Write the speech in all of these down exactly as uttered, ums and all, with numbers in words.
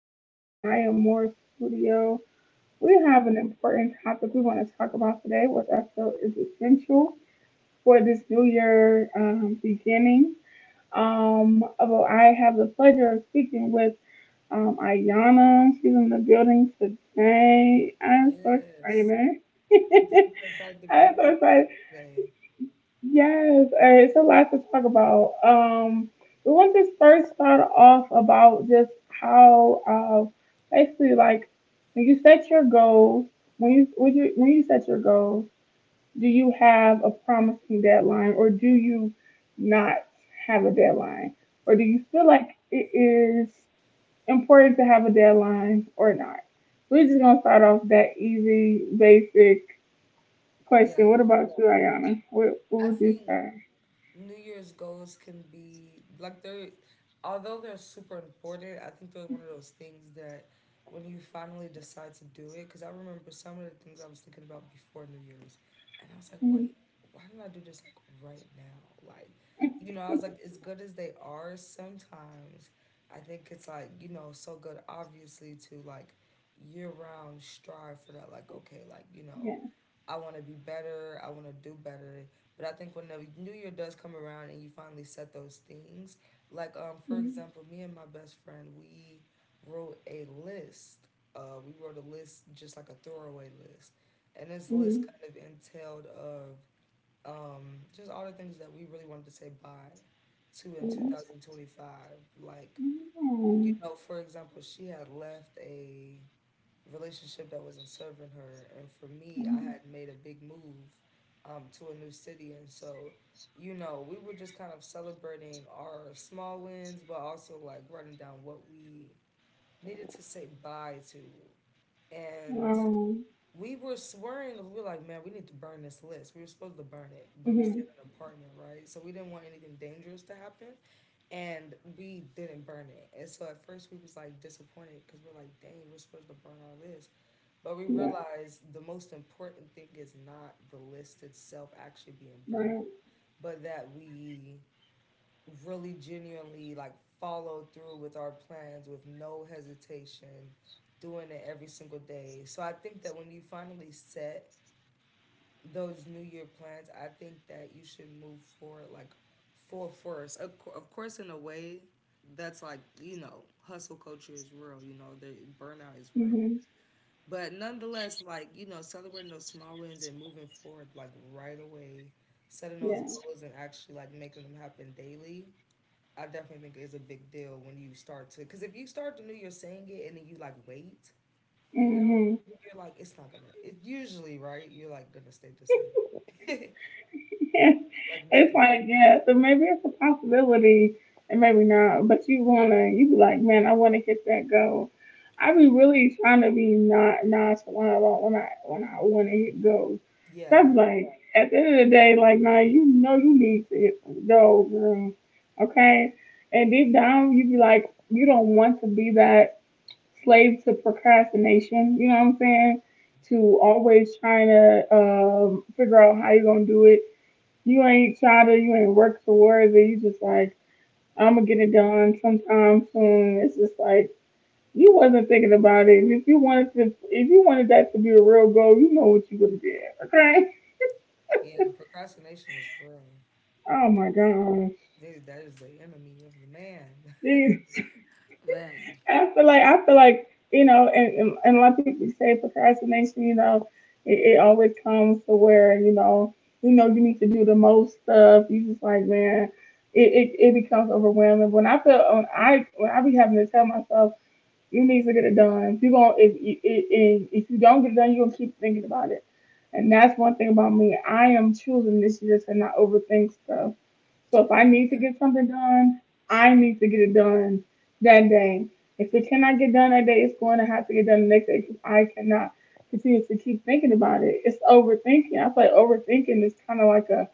back to Anaya Moore Studio. We have an important topic we want to talk about today, what I feel is essential for this new year um, beginning. Um, although I have the pleasure of speaking with um, Ayana. She's in the building today. I'm so excited. Yes, I'm super proud to be I'm here so with you excited. guys today. Yes, uh, it's a lot to talk about. Um, we want to first start off about just how uh, basically like when you set your goals, when you when you when you set your goals, do you have a promising deadline or do you not have a deadline, or do you feel like it is important to have a deadline or not? We're just gonna start off that easy, basic Yeah, question. What about you, Ayana? What what I would you think say? New Year's goals can be like they're although they're super important. I think they're one of those things that when you finally decide to do it, because I remember some of the things I was thinking about before New Year's, and I was like, wait, Mhm. why didn't I do this like right now? Like, you know, I was like, as good as they are, sometimes I think it's like you know so good, obviously, to like year round strive for that. Like, okay, like you know I want to be better. I want to do better. But I think whenever new year does come around and you finally set those things, like um for Mhm. example, me and my best friend, we wrote a list. Uh, we wrote a list just like a throwaway list, and this list Mhm. kind of entailed of um just all the things that we really wanted to say bye to in two Mhm. thousand twenty five. Like you Mhm. know, for example, she had left a relationship that wasn't serving her. And for me, I Mhm. had made a big move um, to a new city. And so, you know, we were just kind of celebrating our small wins, but also like writing down what we needed to say bye to. And Um, we were swearing, we were like, man, we need to burn this list. We were supposed to burn it, but we mhm. stayed in an apartment, right? So we didn't want anything dangerous to happen. And we didn't burn it. And so at first we was like disappointed because we're like, dang, we're supposed to burn our list. But we Yeah. realize the most important thing is not the list itself actually being burned, Right. but that we really genuinely like follow through with our plans with no hesitation, doing it every single day. So I think that when you finally set those new year plans, I think that you should move forward like full force. Of cour- of course, in a way, that's like, you know, hustle culture is real, you know, the burnout is real. Mhm. But nonetheless, like, you know, celebrating those small wins and moving forward, like, right away, setting those Yes. goals and actually, like, making them happen daily, I definitely think is a big deal when you start to. Because if you start the new year saying it and then you, like, wait, you know, Mhm. you're like, it's not gonna, it usually, right? You're like, gonna stay the same. Like, It's nothing like, changes. yeah, so maybe it's a possibility and maybe not, but you wanna, you be like, man, I wanna hit that goal. I be really trying to be not nonchalant about when I, when I wanna hit goals. So Yeah. I'm like, at the end of the day, like, nah, you know you need to hit some goals, girl. Okay? And deep down, you be like, you don't want to be that slave to procrastination, you know what I'm saying? To always trying to um, figure out how you're gonna do it. You ain't try to, you ain't work towards it. You just like, I'm gonna get it done sometime soon. It's just like you wasn't thinking about it. And if you wanted to, if you wanted that to be a real goal, you know what you would have did. Okay? Yeah. Procrastination is real. Oh my gosh. Dude, that is the enemy of the man. Jeez. Man. I feel like I feel like you know, and and, and a lot of people say procrastination. You know, it, it always comes to where you know, you know, you need to do the most stuff. You just like, man, it, it, it becomes overwhelming. When I feel when I when I be having to tell myself you need to get it done. If you going if you if, if you don't get it done, you're gonna keep thinking about it. And that's one thing about me. I am choosing this year to not overthink stuff. So if I need to Yeah. get something done, I need to get it done that day. If it cannot get done that day, it's going to have to get done the next day because I cannot continue to keep thinking about it. It's overthinking. I feel like overthinking is kind of like a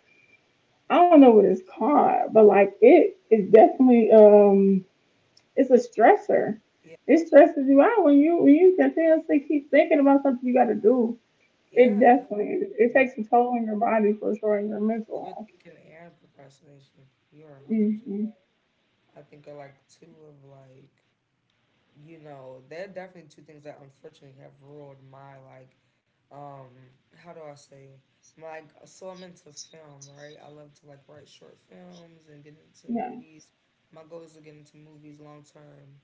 I don't know what it's called, but like it is definitely um it's a stressor. Yeah. It stresses you out when you when you continuously keep thinking about something you got to do. It Yeah. No, I definitely agree. it takes Like, a toll on your body for sure and your mental health. overthinking and procrastination. You're one hundred percent. Mm-hmm. I think are like two of like, you know, they're definitely two things that unfortunately have ruled my like, um, how do I say? Like, so I'm into film, right? I love to like write short films and get into Yeah. movies. My goal is to get into movies long term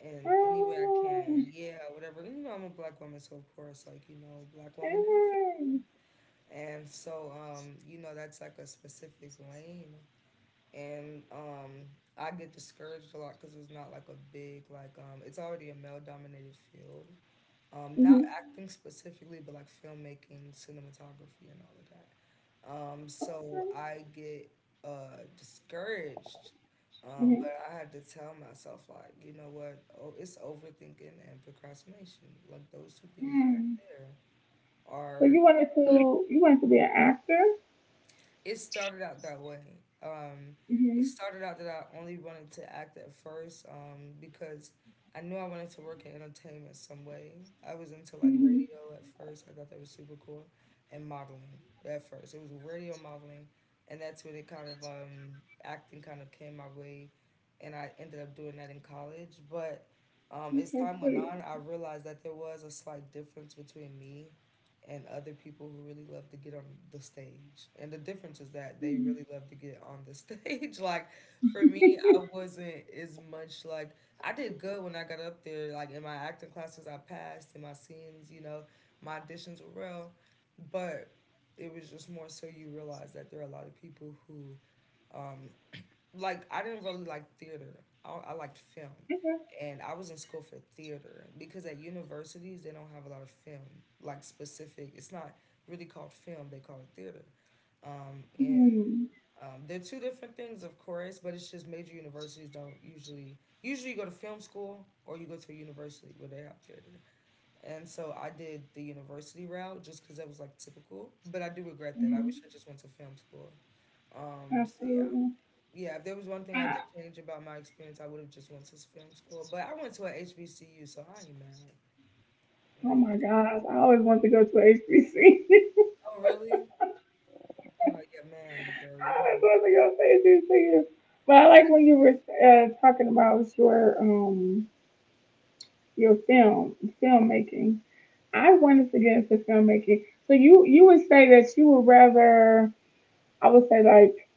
in any way I can. Yeah, whatever. You know, I'm a black woman, so of course, like, you know, black woman in film. Mm-hmm. And so, um, you know, that's like a specific lane and um I get discouraged a lot because it's not like a big like um it's already a male dominated field. Um, not acting specifically, but like filmmaking, cinematography, and all of that. Um, so I get uh discouraged. Um, but I had to tell myself like, you know what? Oh, it's overthinking and procrastination. Like those two things Mm-hmm. right there So are you wanted to you wanted to be an actor. it started out that way. Um, it Mm-hmm. started out that I only wanted to act at first um, because I knew I wanted to work in entertainment some way. I was into like Mm-hmm. radio at first. I thought that was super cool, and modeling at first. It was radio modeling, and that's when it kind of um, acting kind of came my way, and I ended up doing that in college. But um, as Okay, time went sweet. on, I realized that there was a slight difference between me and other people who really love to get on the stage. And the difference is that they really love to get on the stage. Like for me, I wasn't as much like I did good when I got up there. Like in my acting classes, I passed. In my scenes, you know, my auditions were real, but it was just more so you realize that there are a lot of people who um, like I didn't really like theater. I, I liked film, Okay. and I was in school for theater because at universities they don't have a lot of film, like specific. It's not really called film; they call it theater. Um, and Mm-hmm. um, they're two different things, of course, but it's just major universities don't usually usually you go to film school or you go to a university where they have theater. And so I did the university route just because that was like typical. But I do regret that. I wish Mm-hmm. I just went to film school. Um, so yeah, Absolutely. yeah, if there was one thing I could Ah, change about my experience, I would have just went to film school. But I went to a H B C U, so I ain't mad. oh Like, my gosh, I always wanted to go to a H B C. oh really? Oh yeah, man, girl, you know, That's what y'all say this is. But I like when you were uh, talking about your um your film filmmaking. I wanted to get into filmmaking. So you you would say that you would rather I would say like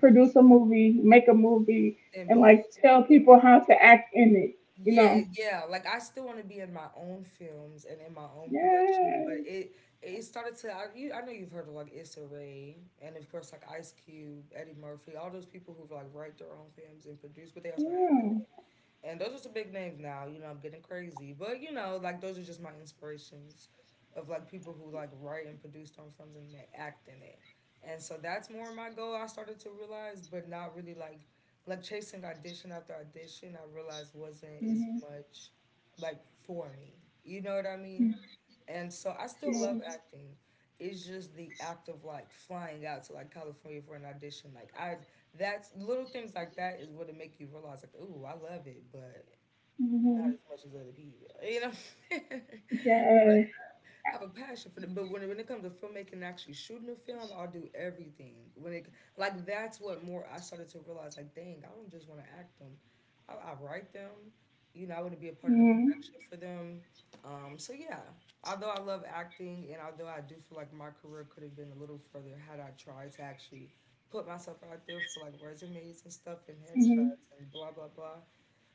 produce a movie, make a movie, then and be in. like tell people how to act in it. You Yeah, know? yeah. Like I still want to be in my own films and in my own productions, Yes. but it it started to. I, you, I know you've heard of like Issa Rae and of course like Ice Cube, Eddie Murphy, all those people who've like write their own films and produce, but they also act in it. Yeah. And those are some big names now. You know, I'm getting crazy, but you know, like those are just my inspirations of like people who like write and produce on films and they act in it. And so that's more my goal. I started to realize, but not really like like chasing audition after audition. I realized wasn't as Mhm. much like for me. You know what I mean? And so I still love Yes. acting. It's just the act of like flying out to like California for an audition. Like I, that's little things like that is what it make you realize like, ooh, I love it, but not Mhm. as much as other people. You know, Yes. I have a passion for it, but when, when it comes to filmmaking and actually shooting a film, I'll do everything. When it like that's what more I started to realize like, dang, I don't just want to act them. I, I write them. You know, I want to be a part Mhm. of the production for them. Um, so yeah, although I love acting and although I do feel like my career could have been a little further had I tried to actually put myself out there for like resumes and stuff and Mhm. headshots and blah blah blah.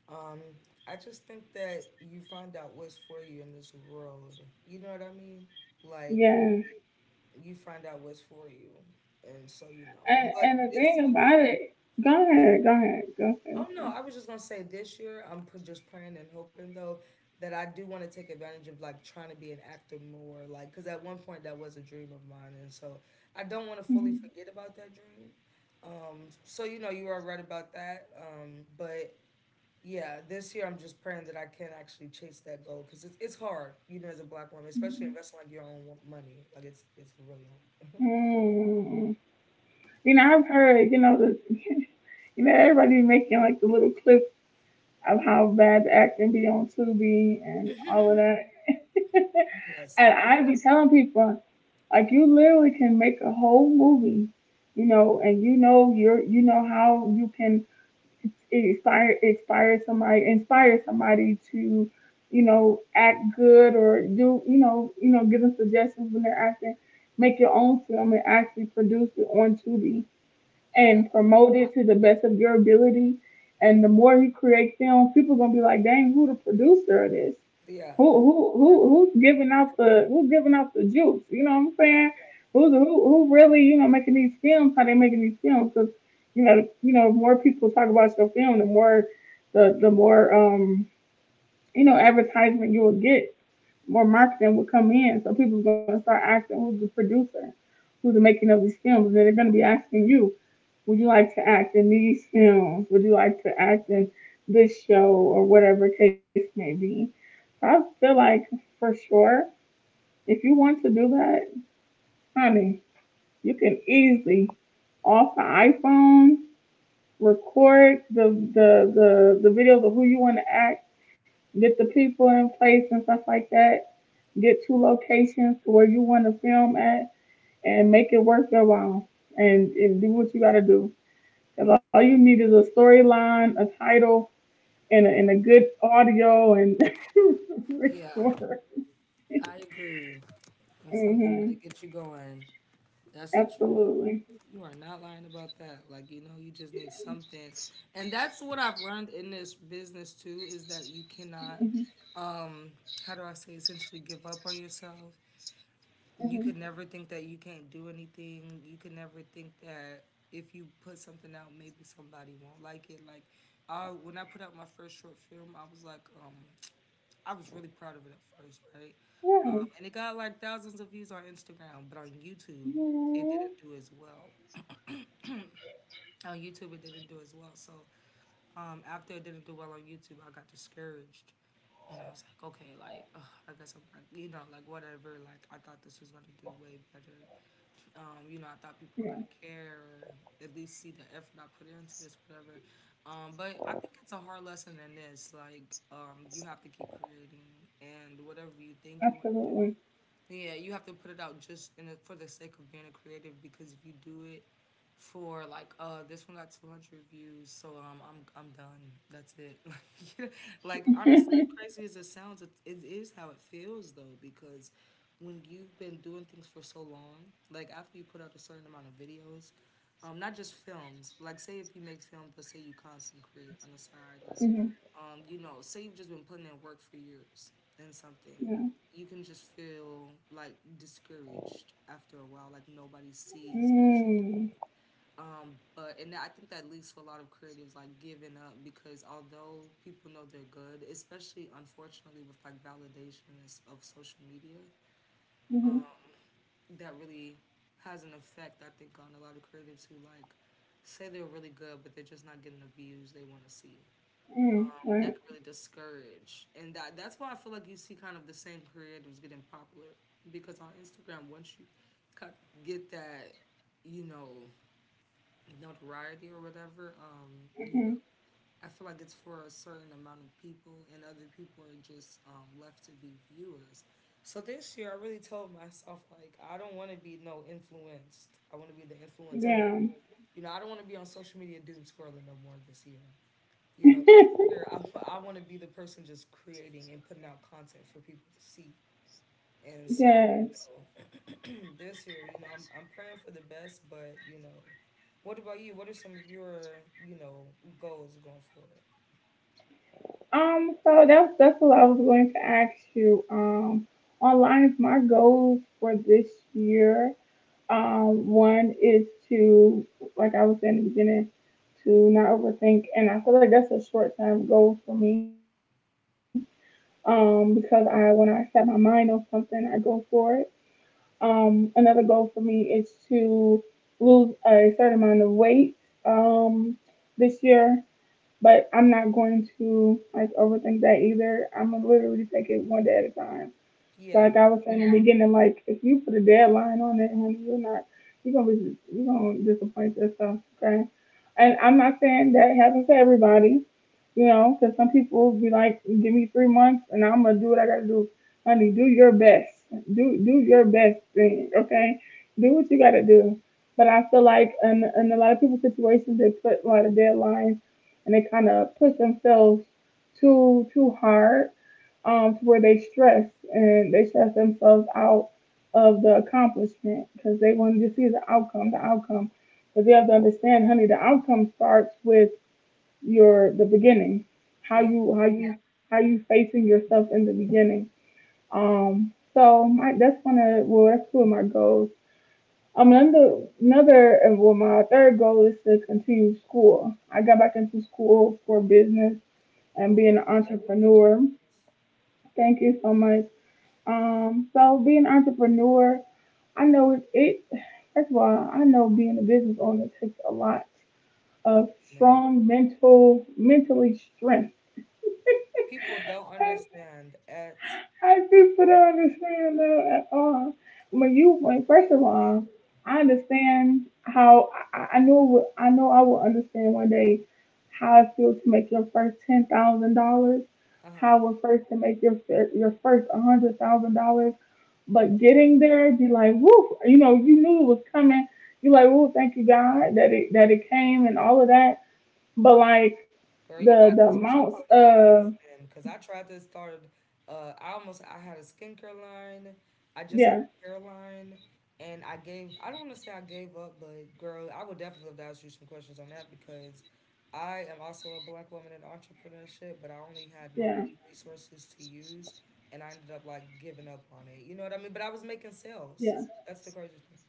Um, I just think that you find out what's for you in this world. You know what I mean? Like Yes. you find out what's for you, and so you know. And But and the this, thing about it, go ahead, go ahead, go ahead. oh no, I was just gonna say this year I'm put just praying and hoping though that I do want to take advantage of like trying to be an actor more, like because at one point that was a dream of mine, and so I don't want to fully Mhm. forget about that dream. Um, so you know you are right about that. Um, but yeah, this year I'm just praying that I can actually chase that goal because it's it's hard, you know, as a black woman, especially investing like your own wo- money. Like it's it's really hard. Mm. You know, I've heard, you know, the, you know, everybody making like the little clips of how bad the acting be on Tubi and all of that. Yes, And I be telling people, like, you literally can make a whole movie, you know, and you know you're, you know how you can it inspire inspire somebody inspire somebody to you know act good or do you know you know give them suggestions when they're acting make your own film and actually produce it on Tubi yeah, and promote it to the best of your ability. And the more you create film, people are gonna be like, dang, who the producer of this? yeah, Who who or who you who's giving out catch the who's giving out the juice? You know what I'm saying? Who's who who really you know making these films? How they making these films? Because you know you know the more people talk about your film, the more the the more um you know advertisement you will get, more marketing will come in. So people are gonna start asking who's the producer, who's the making of these films, and then they're gonna be asking you would you like to act in these films? Would you like to act in this show or whatever case may be? So I feel like for sure, if you want to do that, honey, you can easily off the iPhone, record the the the, the videos of who you want to act, get the people in place and stuff like that, get two locations to where you want to film at, and make it worth your while, and, and do what you gotta do. Because all you need is a storyline, a title, and a, and a good audio and it. Yeah. record. I agree. It's something that it Hmm. gets you going. That's the truth. Absolutely. You are not lying about that. Like you know, you just need something, and that's what I've learned in this business too. Is that you cannot, Hmm. um, how do I say, essentially give up on yourself you can never think that you can't do anything. You can never think that if you put something out, maybe somebody won't like it. Like, I when I put out my first short film, I was like, um, I was really proud of it at first, right? Hmm. Yeah. Um, and it got like thousands of views on Instagram, but on YouTube, it didn't do as well. On YouTube, it didn't do as well. So um, after it didn't do well on YouTube, I got discouraged. And I was like, okay, like, ugh, I guess I'm, not, you know, like, whatever. Like, I thought this was going to do way better. Um, you Yeah. know, I Yeah. thought people were gonna care or at least see the effort I put into this, whatever. Um, but I think it's a hard lesson in this. Like, um, you have to keep creating, and whatever you think you want Absolutely. to do, yeah, you have to put it out just in the, for the sake of being a creative, because if you do it for like uh this one got two hundred views, so um I'm I'm done, that's it. like you know, like honestly, as crazy as it sounds, it, it is how it feels though, because when you've been doing things for so long, like after you put out a certain amount of videos, um not just films, like say if you make films, but say you content create on the side, or Hmm. um you know say you've just been putting in work for years in something, Yeah. you can just feel like discouraged after a while, like nobody sees what you're doing. Mm. Um, but and I think that leads to a lot of creatives like giving up, because although people know they're good, especially unfortunately with like validations of social media, um, Hmm. that really has an effect, I think, on a lot of creatives who like, say they're really good but they're just not getting the views they want to see, um, Mm. that Right. could really discourage. And that that's why I feel like you see kind of the same creatives getting popular, because on Instagram, once you cut, get that, you know, notoriety or whatever, um, you Hmm. know, I feel like it's for a certain amount of people, and other people are just um, left to be viewers. So this year, I really told myself like I don't want to be no influenced, I want to be the influencer. Yeah. You know, I don't want to be on social media doom scrolling no more this year. You know, this year I, I want to be the person just creating and putting out content for people to see. And so, you Yes. know, this year, you know, I'm, I'm praying for the best, but, you know, what about you? What are some of your, you know, goals going forward? Um. So that's that's what I was going to ask you. Um. Online, is my goals for this year. Um, one is to, like I was saying in the beginning, to not overthink, and I feel like that's a short term goal for me. Um, because I when I set my mind on something, I go for it. Um, another goal for me is to lose a certain amount of weight Um, this year, but I'm not going to like overthink that either. I'm gonna literally take it one day at a time. Like Yeah, I was saying in the beginning, like if you put a deadline on it, honey, you're not you're gonna be you're gonna disappoint yourself, okay? And I'm not saying that happens to everybody, you know, because some people be like, give me three months and I'm gonna do what I gotta do. Honey, do your best. Do do your best thing, okay? Do what you gotta do. But I feel like in in a lot of people's situations, they put a lot of deadlines and they kind of push themselves too too hard um, where they stress and they stress themselves out of the accomplishment because they want to just see the outcome, the outcome. But you have to understand, honey, the outcome starts with your the beginning, how yeah. you how you how you facing yourself in the beginning. Um, so my that's one of well that's two of my goals. Um, another another and well my third goal is to continue school. I got back into school for business and being Oh, an congratulations. entrepreneur. Thank you so much. Um, so being an entrepreneur, I know it, it first of all, I know being a business owner takes a lot of Oh, man. strong mental mentally strength. People don't I, understand at I people don't all. understand that at all. When you when It first of is all, painful. I understand how I, I know it I know I will understand one day how it feels to make your first ten thousand dollars, Uh how it first to make your fir- your first hundred thousand dollars. But huh. getting there, be like, woo, you know, you knew it was coming. You like, woo, thank you God that it that it came and all of that. But like Girl, you the about the to teach me amount some of things, man. Cause I tried to start. Uh, I almost I had a skincare line. I just had yeah, a hair line, and I gave. I don't want to say I gave up, but girl, I would definitely love to ask you some questions on that, because I am also a black woman in entrepreneurship, but I only had my own yeah, resources to use, and I ended up like giving up on it. You know what I mean? But I was making sales. yeah. That's the crazy thing.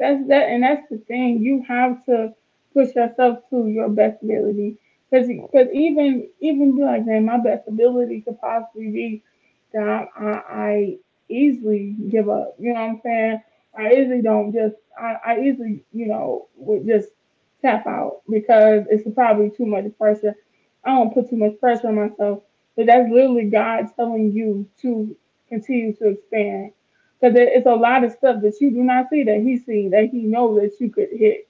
That's that, and that's the thing. You have to push yourself to your best ability, because even even be like, man, my best ability could possibly be that I, I easily give up. You know what I'm Yeah. saying? I easily don't just I, I easily you know would just tap out because it's probably too much pressure. I don't put too much pressure on myself, but that's literally God telling you to continue to expand because it's a lot of stuff that you do not see that he sees that he knows that you could hit.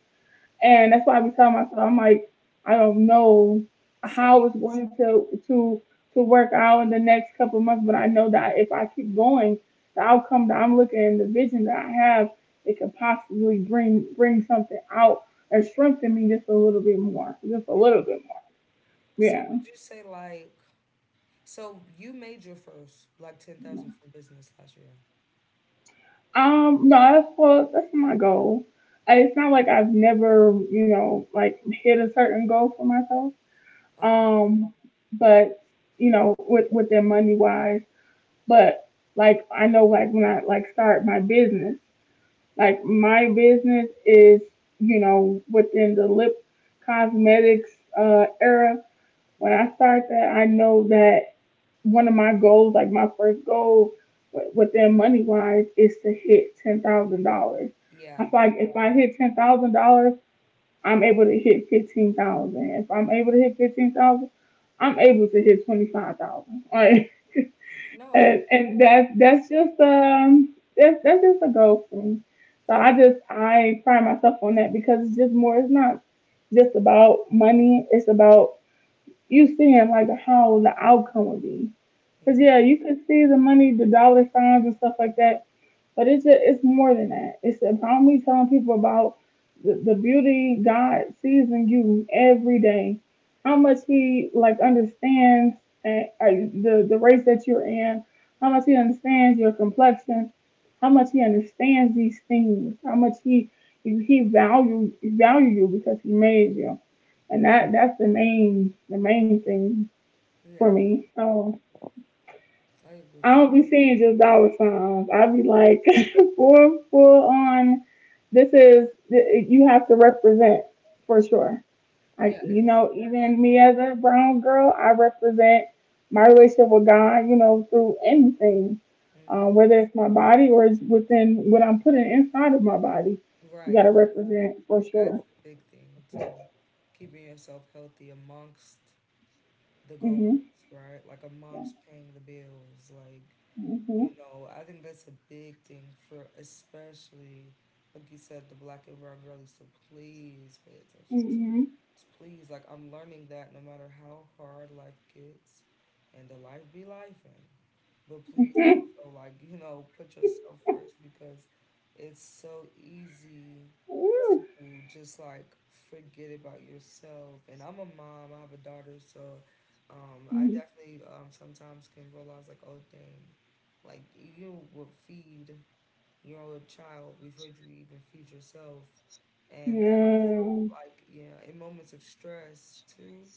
And that's why I be telling myself, I'm like, I don't know So how you. it's going to to to work out in the next couple of months, but I know that if I keep going, the outcome that I'm looking, and the vision that I have, it could possibly bring bring something out and strengthen me just a little bit more, just a Yeah. little bit more. So Yeah. would you say like? So you made your first like ten thousand from business last year. Um, no, that's well, that's my goal. Uh, It's not like I've never, you know, like hit a certain goal for myself. Uh-huh. Um, but you know, with with that money wise, but like I know, like when I like start my business, like my business is, you know, within the lip cosmetics uh era. When Yeah. I start that, I know that one of my goals, like my first goal within money wise, is to hit ten thousand dollars. Yeah. I feel like I if I agree. hit ten thousand dollars, I'm able to hit fifteen thousand. Dollars. If I'm able to hit fifteen thousand, dollars, I'm able to hit twenty five thousand. Dollars. Like, No, I. and and that's that's just um that's that's just a goal for me. So I just I pride myself on that because it's just more. It's not just about money. It's about you seeing like how the outcome would be. Cause Yeah. yeah, you can see the money, the dollar signs and stuff like that. But it's a, it's more than that. It's about me telling people about the, the beauty God sees in you every day. How much He like understands and, uh, the the race that you're in. How much He understands your complexion. How much He understands these things. How much He He value value you because He made you. And that that's the main the main thing for Yeah. me. So. I I agree. don't be seeing just dollar signs. I be like, full, full on. This is you have to represent for sure. Like Yeah, and you it's know, hard, even me as a brown girl, I represent my relationship with God. You know, through anything, like. Hmm. um, whether it's my body or it's within what I'm putting inside of my body. You Right. gotta That's represent for amazing. That's sure. a big thing too. Keeping yourself healthy amongst the goals, Mhm. right? Like amongst paying the bills, like, you know, I think that's a big thing for especially like you said, the black and brown girlies. So please pay attention, please, like I'm learning that no matter how hard life gets, and the life be life, and but please Yeah. also, like you know, put yourself first because it's so easy Mhm. Mhm. Mhm. Mhm. to just like forget about yourself. And I'm a mom, I have a daughter, so um I definitely um sometimes can realize, like, oh dang, like you will feed your own child before you even feed yourself. And that Yeah. also, like, yeah, in moments of stress too,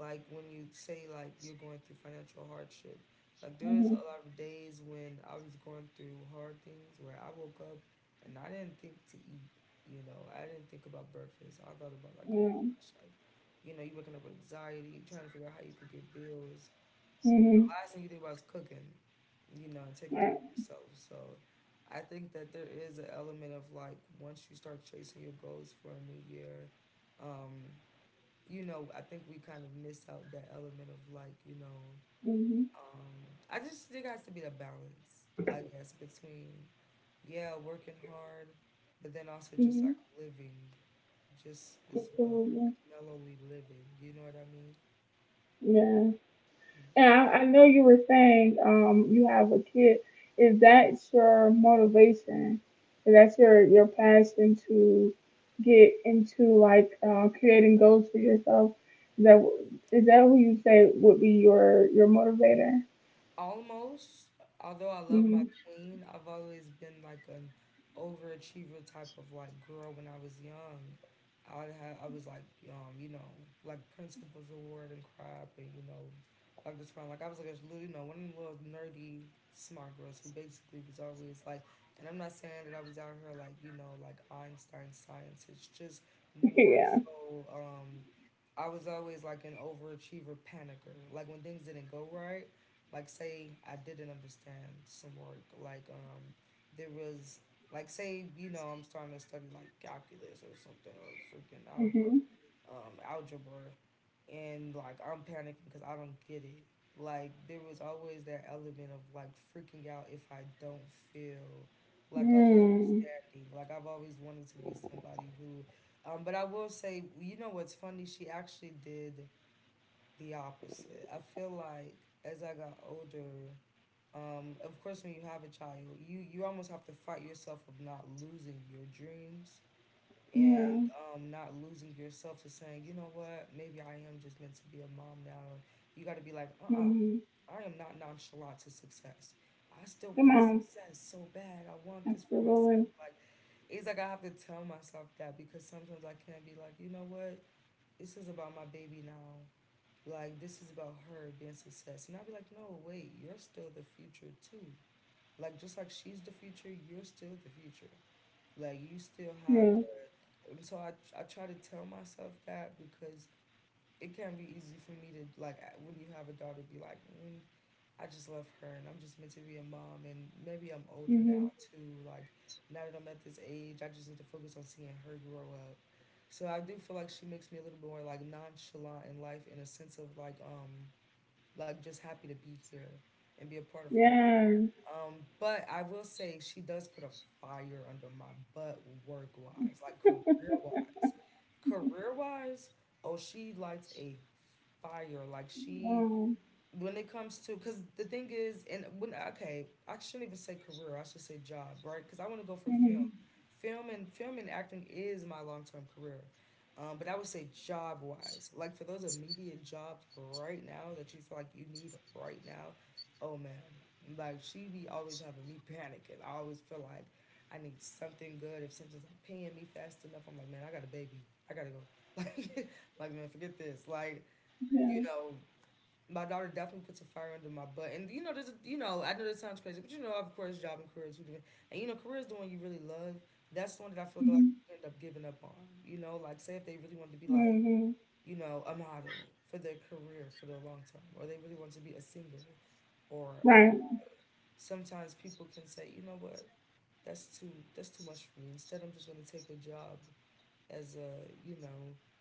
like when you say, like, you're going through financial hardship, like, there's a lot of days when I was going through hard things where I woke up and I didn't think to eat, you know, I didn't think about breakfast. I thought about, like, oh my Mhm. gosh, like, you know, you waking up with anxiety, trying to figure out how you could get bills, you know, Yeah. last thing you think about is cooking, you know, and taking care of Mhm. yourself. So I think that there is an element of like once you start chasing your goals for a new year, um, you know, I think we kind of miss out that element of like, you know, Mhm. um, I just think it has to be the balance, I guess, between, yeah, working hard, but then also just Mhm. like living just as well, Absolutely. like mellowly living, you know what I mean? Yeah. And I, I know you were saying um you have a kid. Is that your motivation? Is that your your passion to get into like uh, creating goals for yourself? Is that is that who you say would be your your motivator? Almost, although I love my Mhm. queen, I've always been like an overachiever type of like girl when I was young. I had I was like um you know, like principal's award and crap, and you know, like this one, like I was like a little, you know, one of the little nerdy smart girls who basically was always like, and I'm not saying that I was out here like, you know, like Einstein science, it's just more Yeah. so um I was always like an overachiever panicker. Like when things didn't go right, like say I didn't understand some work, like um there was, like say, you know, I'm starting to study like calculus or something or freaking I don't Mhm. know, um algebra, and like I'm panicking because I don't get it. Like there was always that element of like freaking out if I don't feel like I'm Mm. understanding. Like I've always wanted to be somebody who, um, but I will say, you know what's funny? She actually did the opposite. I feel like as I got older, um, of course, when you have a child, you you almost have to fight yourself of not losing your dreams, and Yeah. um, not losing yourself to saying, you know what, maybe I am just meant to be a mom now. You got to be like, uh uh Mhm. I am not nonchalant to success. I still Come want on. success so bad. I want this for myself. Absolutely. Like, it's like I have to tell myself that because sometimes I can't be like, you know what, this is about my baby now. Like, this is about her being success. And I'd be like, no, wait, you're still the future too. Like, just like she's the future, you're still the future. Like you Yeah. still have. Uh, so I I try to tell myself that because it can be easy for me to like I- when you have a daughter be like, mm, I just love her and I'm just meant to be a mom, and maybe I'm older Mhm. now too. Like now that I'm at this age, I just need to focus on seeing her grow up. So I do feel like she makes me a little bit more like nonchalant in life, in a sense of like um like just happy to be here and be a part of her, Yeah. um, but I will say she does put a fire under my butt, work wise, like career wise. Career wise, oh, she lights a fire. Like she, Wow. when it comes to, because the thing is, and when, okay, I shouldn't even say career, I should say job, right? Because I want to go for film, Mhm. film and film and acting is my long-term career, um, but I would say job wise, like for those immediate jobs right now that you feel like you need right now, oh man, like she be always having me panicking. I always feel like I need something good. If something's not paying me fast enough, I'm like, man, I got a baby, I gotta go, like, like man, forget this, like, you Yeah. know, my daughter definitely puts a fire under my butt. And you know, there's a, you know, I know that sounds crazy, but you know, of course, job and career are two different. And you know, career is the one you really love. That's the one that I feel like a lot of Mhm. people end up giving up on. You know, like say if they really wanted to be like, Mhm. you know, a model for their career for the long term, or they really wanted to be a singer, or a, Right. sometimes people can say, you know what, that's too that's too much for me. Instead, I'm just gonna take a job as a, you know,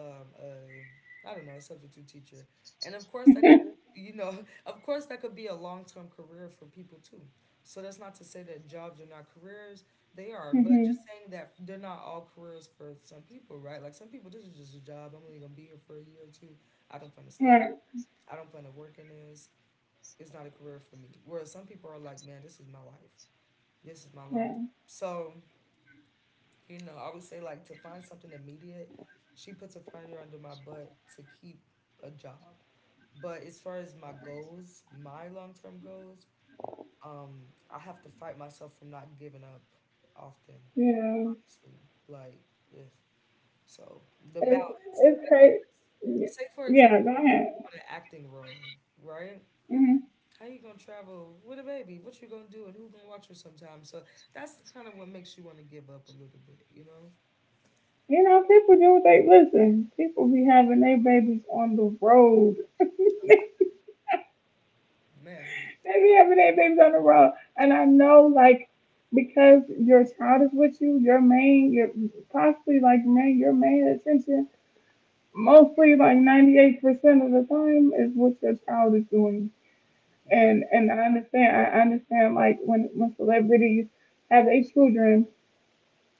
um, a, I don't know, a substitute teacher. And of course, that, you know, of course, that could be a long term career for people too. So that's not to say that jobs are not careers. They are, but Mhm. just saying that they're not all careers for some people, right? Like some people, this is just a job. I'm only gonna be here for a year or two. I don't plan to stay. Right. I don't plan to work in this. It's not a career for me. Whereas some people are like, man, this is my life. This is my long. Right. So, you know, I would say like to find something immediate, she puts a fire under my butt to keep a job. But as far as my goals, my long term goals, um, I have to fight myself from not giving up often, Yeah. honestly. Like, ugh. So the balance. It's it's Like, crazy. like, Yeah. say for example, Yeah, go if you ahead. want an acting role, right? Hmm. How you gonna travel with a baby? What you gonna do and who gonna watch her sometime? So that's kind of what makes you want to give up a little bit, you know? You know, people do what they listen. People be having their babies on the road. Man. They be having their babies on the road, and I know like because your child is with you, your main, your possibly like main, your main attention. Mostly, like ninety-eight percent of the time, is what your child is doing Right. and and I understand. I understand like when when celebrities have their children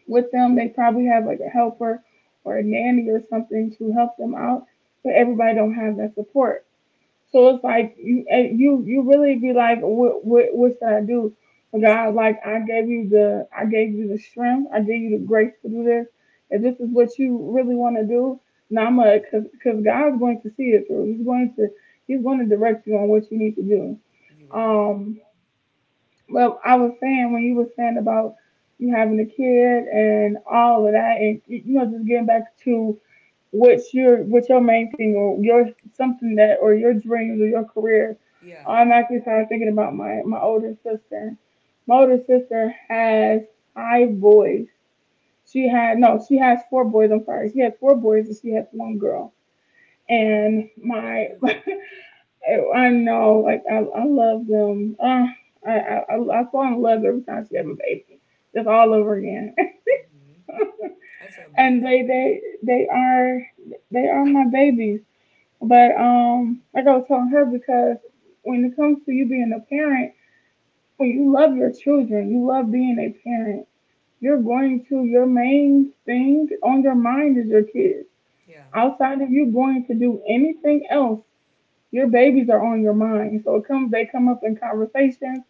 with them, they probably have like a helper or a nanny or something to help them out, but everybody don't have that support. So it's like you eh, you you really be like, what what what should I do? But Exactly. God, like I gave you the I gave you the strength, I gave you the grace to do this. If this is what you really want to do, now I'm gonna, cause, cause God's going to see it through. He's going to He's going to direct you on what you need to do. You right? Um, well, I was saying when you were saying about you having a kid and all of that, and you know, just getting back to what's your what's your main thing or your something that or your dreams or your career. Yeah. I'm actually started thinking about my my older sister. My older sister has five boys. She had no, she has four boys. I'm sorry, she has four boys and she has one girl. Wow. And That's my beautiful. I, I know, like I, I love them. Uh, I, I, I fall in love every time she have a baby. Just all over again. Hmm. That's and amazing. They, they, they are, they are my babies. But um, like I was telling her, because when it comes to you being a parent, when you love your children, you love being a parent. You're going to your main thing on your mind is your kids. Yeah. Outside of you going to do anything else, your babies are on your mind. So it comes, they come up in conversations.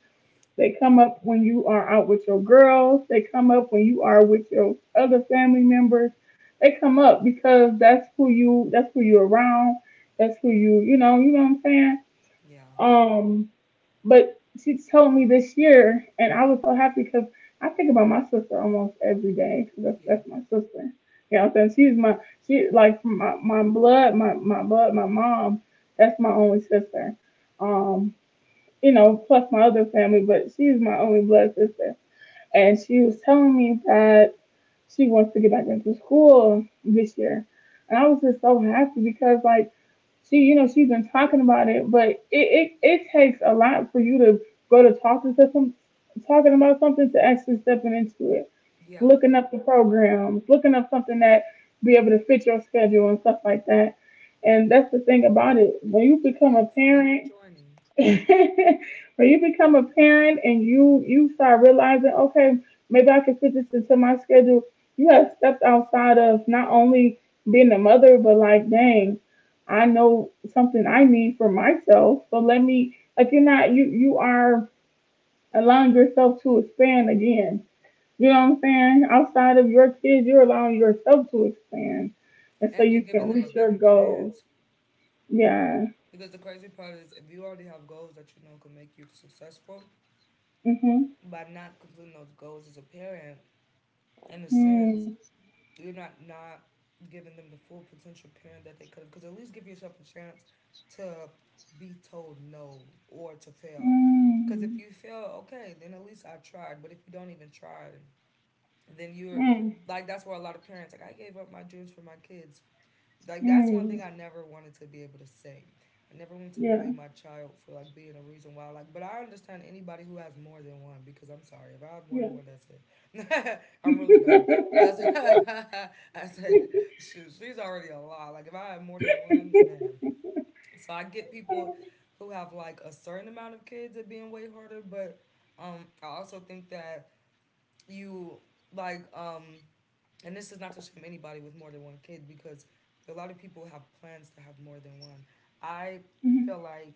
They come up when you are out with your girls. They come up when you are with your other family members. They come up because that's who you that's who you're around. That's who you you know, you know what I'm saying? Yeah. Um but she told me this year and I was so happy because I think about my sister almost every day. That's Yeah. That's my sister. You know what I'm saying? She's my she like my, my blood, my, my blood, my mom, that's my only sister. Um you know, plus my other family, but she's my only blood sister. And she was telling me that she wants to get back into school this year. And I was just so happy because, like, she, you know, she's been talking about it, but it, it, it takes a lot for you to go to talk to some, talking about something to actually stepping into it, Yeah. looking up the programs, looking up something that be able to fit your schedule and stuff like that. And that's the thing about it. When you become Yeah. a And finally parent, joining. when you become a parent and you you start realizing, okay, maybe I can fit this into my schedule. You have stepped outside of not only being a mother, but like, dang, I know something I need for myself. So let me like you're not you you are allowing yourself to expand again. You know what I'm saying? Outside of your kids, you're allowing yourself to expand, and so And you're you giving can them a reach your better goals. chance. Yeah. Because the crazy part is if you already have goals that you know can make you successful, Mhm. by not completing those goals as a parent, in a Mm. sense, you're not not giving them the full potential parent that they could have. Because at least give yourself a chance to be told no or to fail. Because Mhm. if you fail, okay, then at least I tried. But if you don't even try, then you're like that's where a lot of parents like I gave up my dreams for my kids like that's one Mm. thing I never wanted to be able to say. I never want to Yeah. blame my child for like being a reason why. Like, but I understand anybody who has more than one because I'm sorry, if I have more Yeah. than one, that's it. I'm really done. That's I said, shoot, she's already a lot. Like if I have more than one, man. So I get people who have like a certain amount of kids at being way harder, but um, I also think that you like um and this is not to shame anybody with more than one kid because a lot of people have plans to have more than one. I Mhm. feel like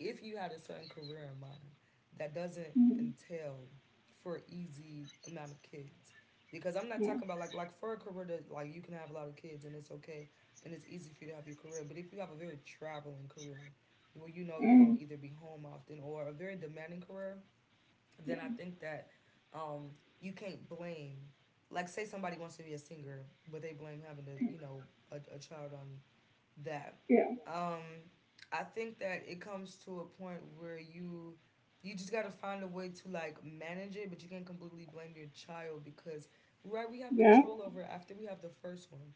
if you had a certain career in mind, that doesn't Mhm. entail for easy amount of kids. Because I'm not Yeah. talking about like like for a career that like you can have a lot of kids and it's okay and it's easy for you to have your career. But if you have a very traveling career where you know you don't Mm. either be home often or a very demanding career, then I think that um, you can't blame. Like, say somebody wants to be a singer, but they blame having to, you know, a, a child on that. Yeah. Um, I think that it comes to a point where you you just gotta find a way to like manage it, but you can't completely blame your child because, right, we have Yeah. control over it after we have the first one.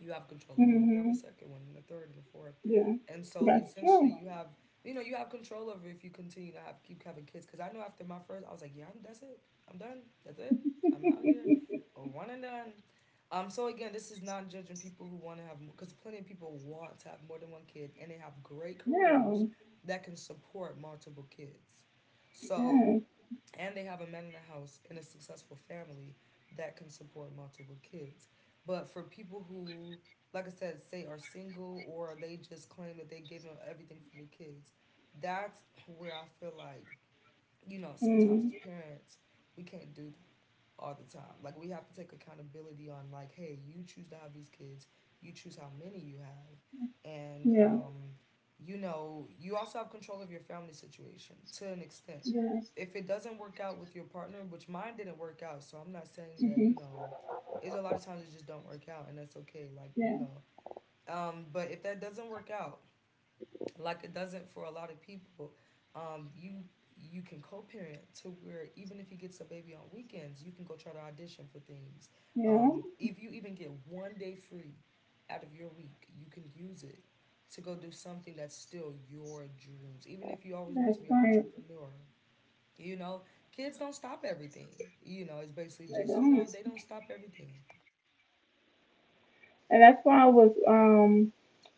You have control over if you have a Mm-hmm. second one and a third and a fourth, Yeah. and so That's essentially true. you have you know you have control over if you continue to have keep having kids. Because I know after my first I was like, yeah, I'm, that's it. I'm done. That's it. I'm out here. Oh, one and done. Um so again, this is not judging people who want to have because plenty of people want to have more than one kid and they have great careers No. that can support multiple kids. So Yes. and they have a man in the house in a successful family that can support multiple kids. But for people who, like I said, say are single or they just claim that they gave them everything for the kids, that's where I feel like, you know, sometimes Mm. as parents, we can't do all the time. Like we have to take accountability on like, hey, you choose to have these kids, you choose how many you have, and Yeah. um, you know, you also have control of your family situation to an extent. Yes. If it doesn't work out with your partner, which mine didn't work out, so I'm not saying that you Mm-hmm. know, there's a lot of times it just don't work out, and that's okay. Like you Yeah. know, um, but if that doesn't work out, like it doesn't for a lot of people. Um, you you can co-parent to where even if he gets a baby on weekends, you can go try to audition for things. Yeah. Um, if you even get one day free out of your week, you can use it to go do something that's still your dreams. Even if you always want to That's be an why. entrepreneur, you know, kids don't stop everything. You know, it's basically I just you don't. know they don't stop everything. And that's why I was um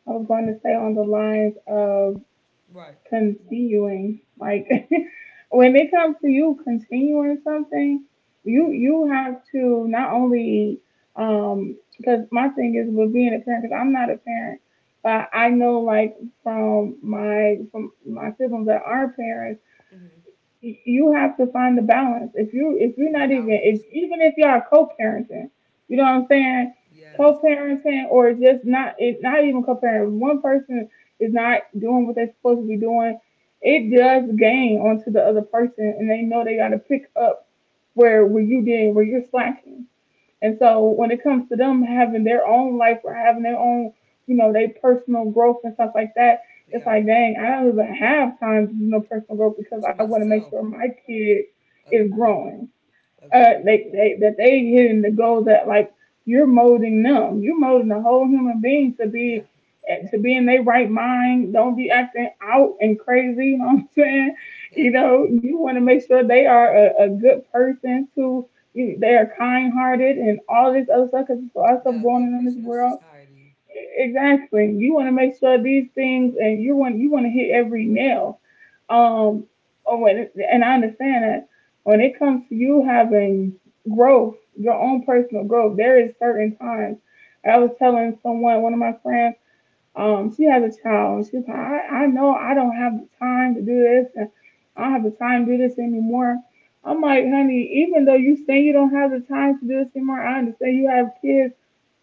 I was going to say on the lines of Right. continuing. Like when it comes to you continuing something, you Yeah. you have to not only um because my thing is with being a parent because I'm not a parent, but I know like from my from my siblings that are parents Mm-hmm. y- you have to find the balance. If you if you're The not even if balance. even if y'all co-parenting, you know what I'm saying? Yes. Co-parenting or just not it not even co-parenting. If one person is not doing what they're supposed to be doing. It does gain onto the other person, and they know they got to pick up where where you did where you're slacking. And so when it comes to them having their own life or having their own, you know, their personal growth and stuff like that, it's Yeah. like, dang, I don't even have time to do no personal growth because To I want to make sure myself. my kid is Agreed. growing uh, Agreed. they, they, that they hitting the goal that like you're molding them. You're molding the whole human being to Yeah. be eh, to be in their right mind. Don't be acting out and crazy. You know what I'm saying? You Yeah. know, you want to make sure they are a, a good person too. You, they are kind hearted and all this other stuff. Cause there's a lot of stuff Yeah. A going on good in this person in world. society. E-, Exactly. You want to make sure these things, and you want you want to hit every nail um, or when it, and I understand that when it comes to you having growth, your own personal growth, there is certain times. I was telling someone, one of my friends, um, she has a child, and she's like, I, I know I don't have the time to do this, and I don't have the time to do this anymore. I'm like, honey, even though you say you don't have the time to do this anymore, I understand you have kids,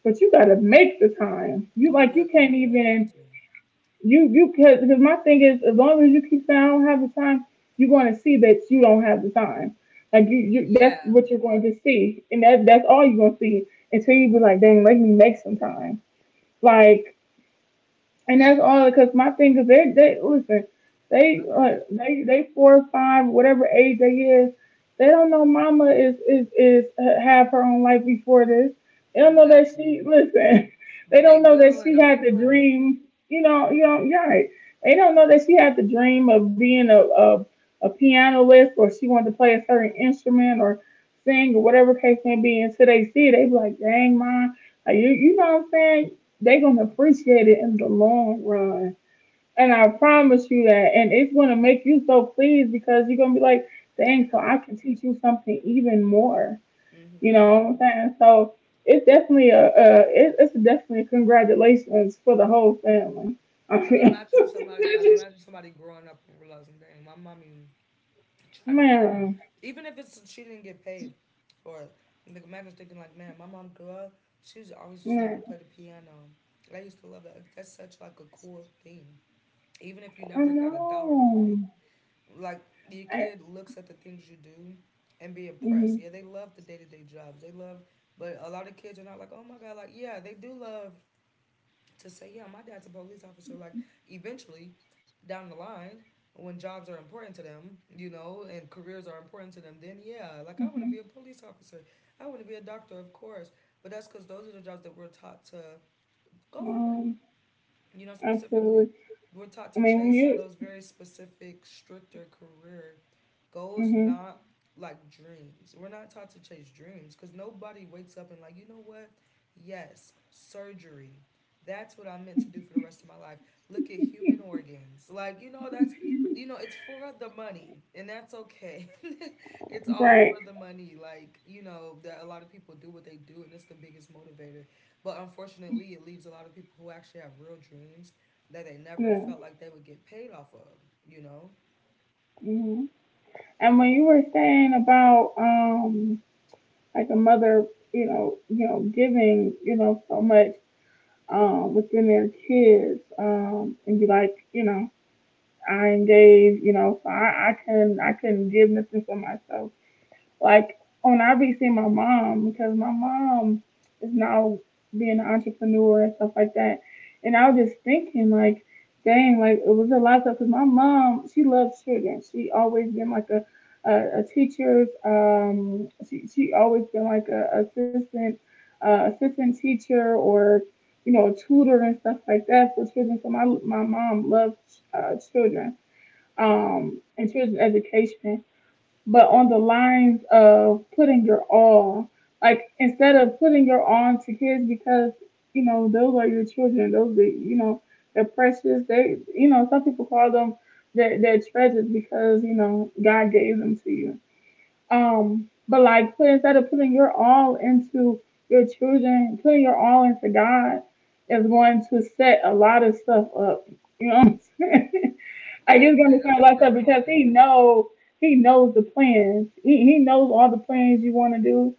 but you gotta make the time. You You. like uh, you You. can't Yeah. You have even to. you you could because my thing is as long as you keep saying I don't have the time, you're going to see that you don't have the time. Like you, you that's Yeah. what you're going to see, and that that's all you're going to see until you be like, dang, let me make some time. Like and that's all because my fingers, they, they listen, they, uh, Agreed. they, they four five, whatever age they is, they don't know mama is is is uh, have her own life before this. They don't know that she Exactly. listen. But They they don't know that will in she the had the future. dream. You know, you know, you're right. They don't know that she had the dream of being a a, a pianist or she wanted to play a certain instrument or sing or whatever case may be. Until they see, it, they be like, "Dang, mom, like, you you know what I'm saying? They're gonna appreciate it in the long run. And I promise you that. And it's gonna make you so pleased because you're gonna be like, dang, Yeah. so I can teach you something even more. You Mhm. know what I'm saying? So it's definitely a, a it, it's definitely a congratulations for the whole family. I Cause mean, imagine somebody like imagine somebody growing up and realizing, dang, my mommy tried piano. man, Even if it's she didn't get paid for it. Like imagine thinking like, man, my mom grew up. She was always just know how to man, play the piano. I used to love that. That's such like a cool thing. Even if you I never got a dollar from know. it. Like your I kid looks at the things you do and be impressed. mhm, Yeah, they love the day to day jobs. They love, but a lot of kids are not like, oh my god, like yeah, they do love to say, yeah, my dad's a police officer. Like eventually, down the line, when jobs are important to them, you know, and careers are important to them, then yeah, like I want to be mhm, a police officer. I want to be a doctor, of course. But that's because those are the jobs that we're taught to go for, um, you know, specifically, absolutely. we're taught to I mean, when chase you those very specific, stricter career goals, mhm, not like dreams. We're not taught to chase dreams because nobody wakes up and, like, you know what? Yes, surgery. That's what I'm meant to do for the rest of my life. Look at human organs. Like, you know, that's, you know, it's for the money, and that's okay. It's all right, for the money. Like, you know, that a lot of people do what they do, and it's the biggest motivator. But unfortunately, it leaves a lot of people who actually have real dreams that they never yeah, felt like they would get paid off of, you know? mhm. And when you were saying about um like a mother, you know, you know, giving, you know, so much um within their kids, um, and be like, you know, I am you know, so I, I can I couldn't give nothing for myself. Like on obviously my mom because my mom is now being an entrepreneur and stuff like that. And I was just thinking like, dang, like it was a lot of stuff. Because my mom, she loves children. She always been like a a, a teacher's um she she always been like a assistant uh, assistant teacher or you know a tutor and stuff like that for children. So my my mom loves uh, children Yeah, um and children education, but on the lines of putting your all. Like instead of putting your all into kids because, you know, those are your children, those are, you know, they're precious. They, you know, some people call them their their treasures because, you know, God gave them to you. Um, but like put instead of putting your all into your children, putting your all into God is going to set a lot of stuff up. You know what I'm I I just agree. gonna That's sound a like great that because comment. he know he knows the plans. He he knows all the plans you want to do,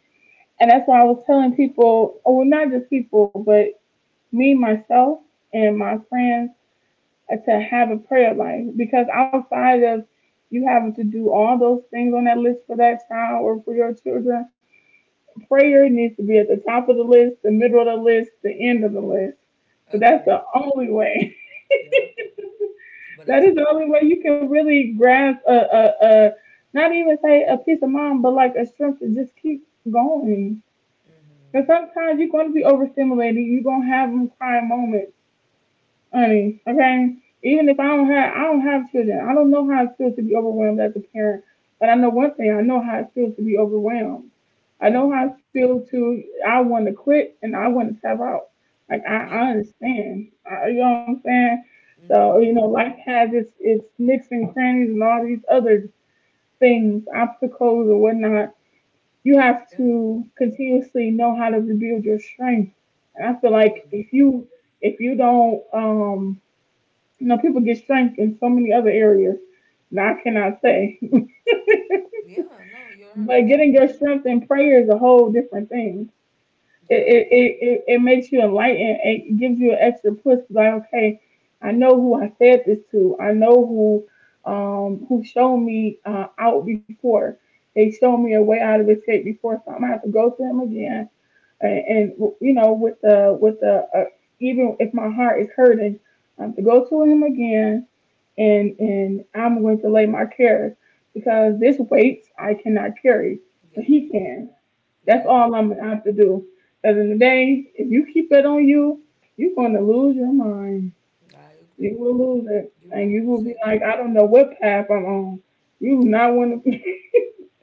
and that's why I was telling people, oh, well, not just people, but me myself and my friends, uh, to have a prayer life because outside of you having to do all those things on that list for that child or for your children, prayer needs to be at the top of the list, the middle of the list, the end of the list. So that's the Agreed. only way. Yeah, but that's That the is the way. only way you can really grasp a, a, a not even say a peace of mind, but like a strength to just keep going. Because Mm-hmm. sometimes you're going to be overstimulated. You're going to have them crying moments, honey. Okay, even if I don't have I don't have children, I don't know how it feels to be overwhelmed as a parent. But I know one thing: I know how it feels to be overwhelmed. I know Mm-hmm. how it feels to I want to quit and I want to tap out. Like I, Yeah. I understand. I, you know what I'm saying? So you Mm-hmm. know, life has its its nicks and crannies and all these other things, obstacles and whatnot. You have Yeah. to continuously know how to rebuild your strength. And I feel like Agreed. if you if you don't um you know, people get strength in so many other areas. Now I cannot say, Yeah, no, you're but getting one hundred percent your right. strength in prayer is a whole different thing. It Yeah, it it, it, it makes you enlightened. It gives you an extra push. Like okay, I know who I said this to. I know who um who showed me uh, out before. They showed me a way out of escape before, so I'm gonna have to go to them again. And, and you know, with the with the uh, even if my heart is hurting, I have to go to him again and and I'm going to lay my cares because this weight I cannot carry, but yeah, he can. That's yeah. all I'm gonna have to do. Because in the day, if you keep it on you, you're gonna lose your mind. I You agree. will lose it, You and will you will lose be it. like, I don't know what path I'm on. You do not want to be.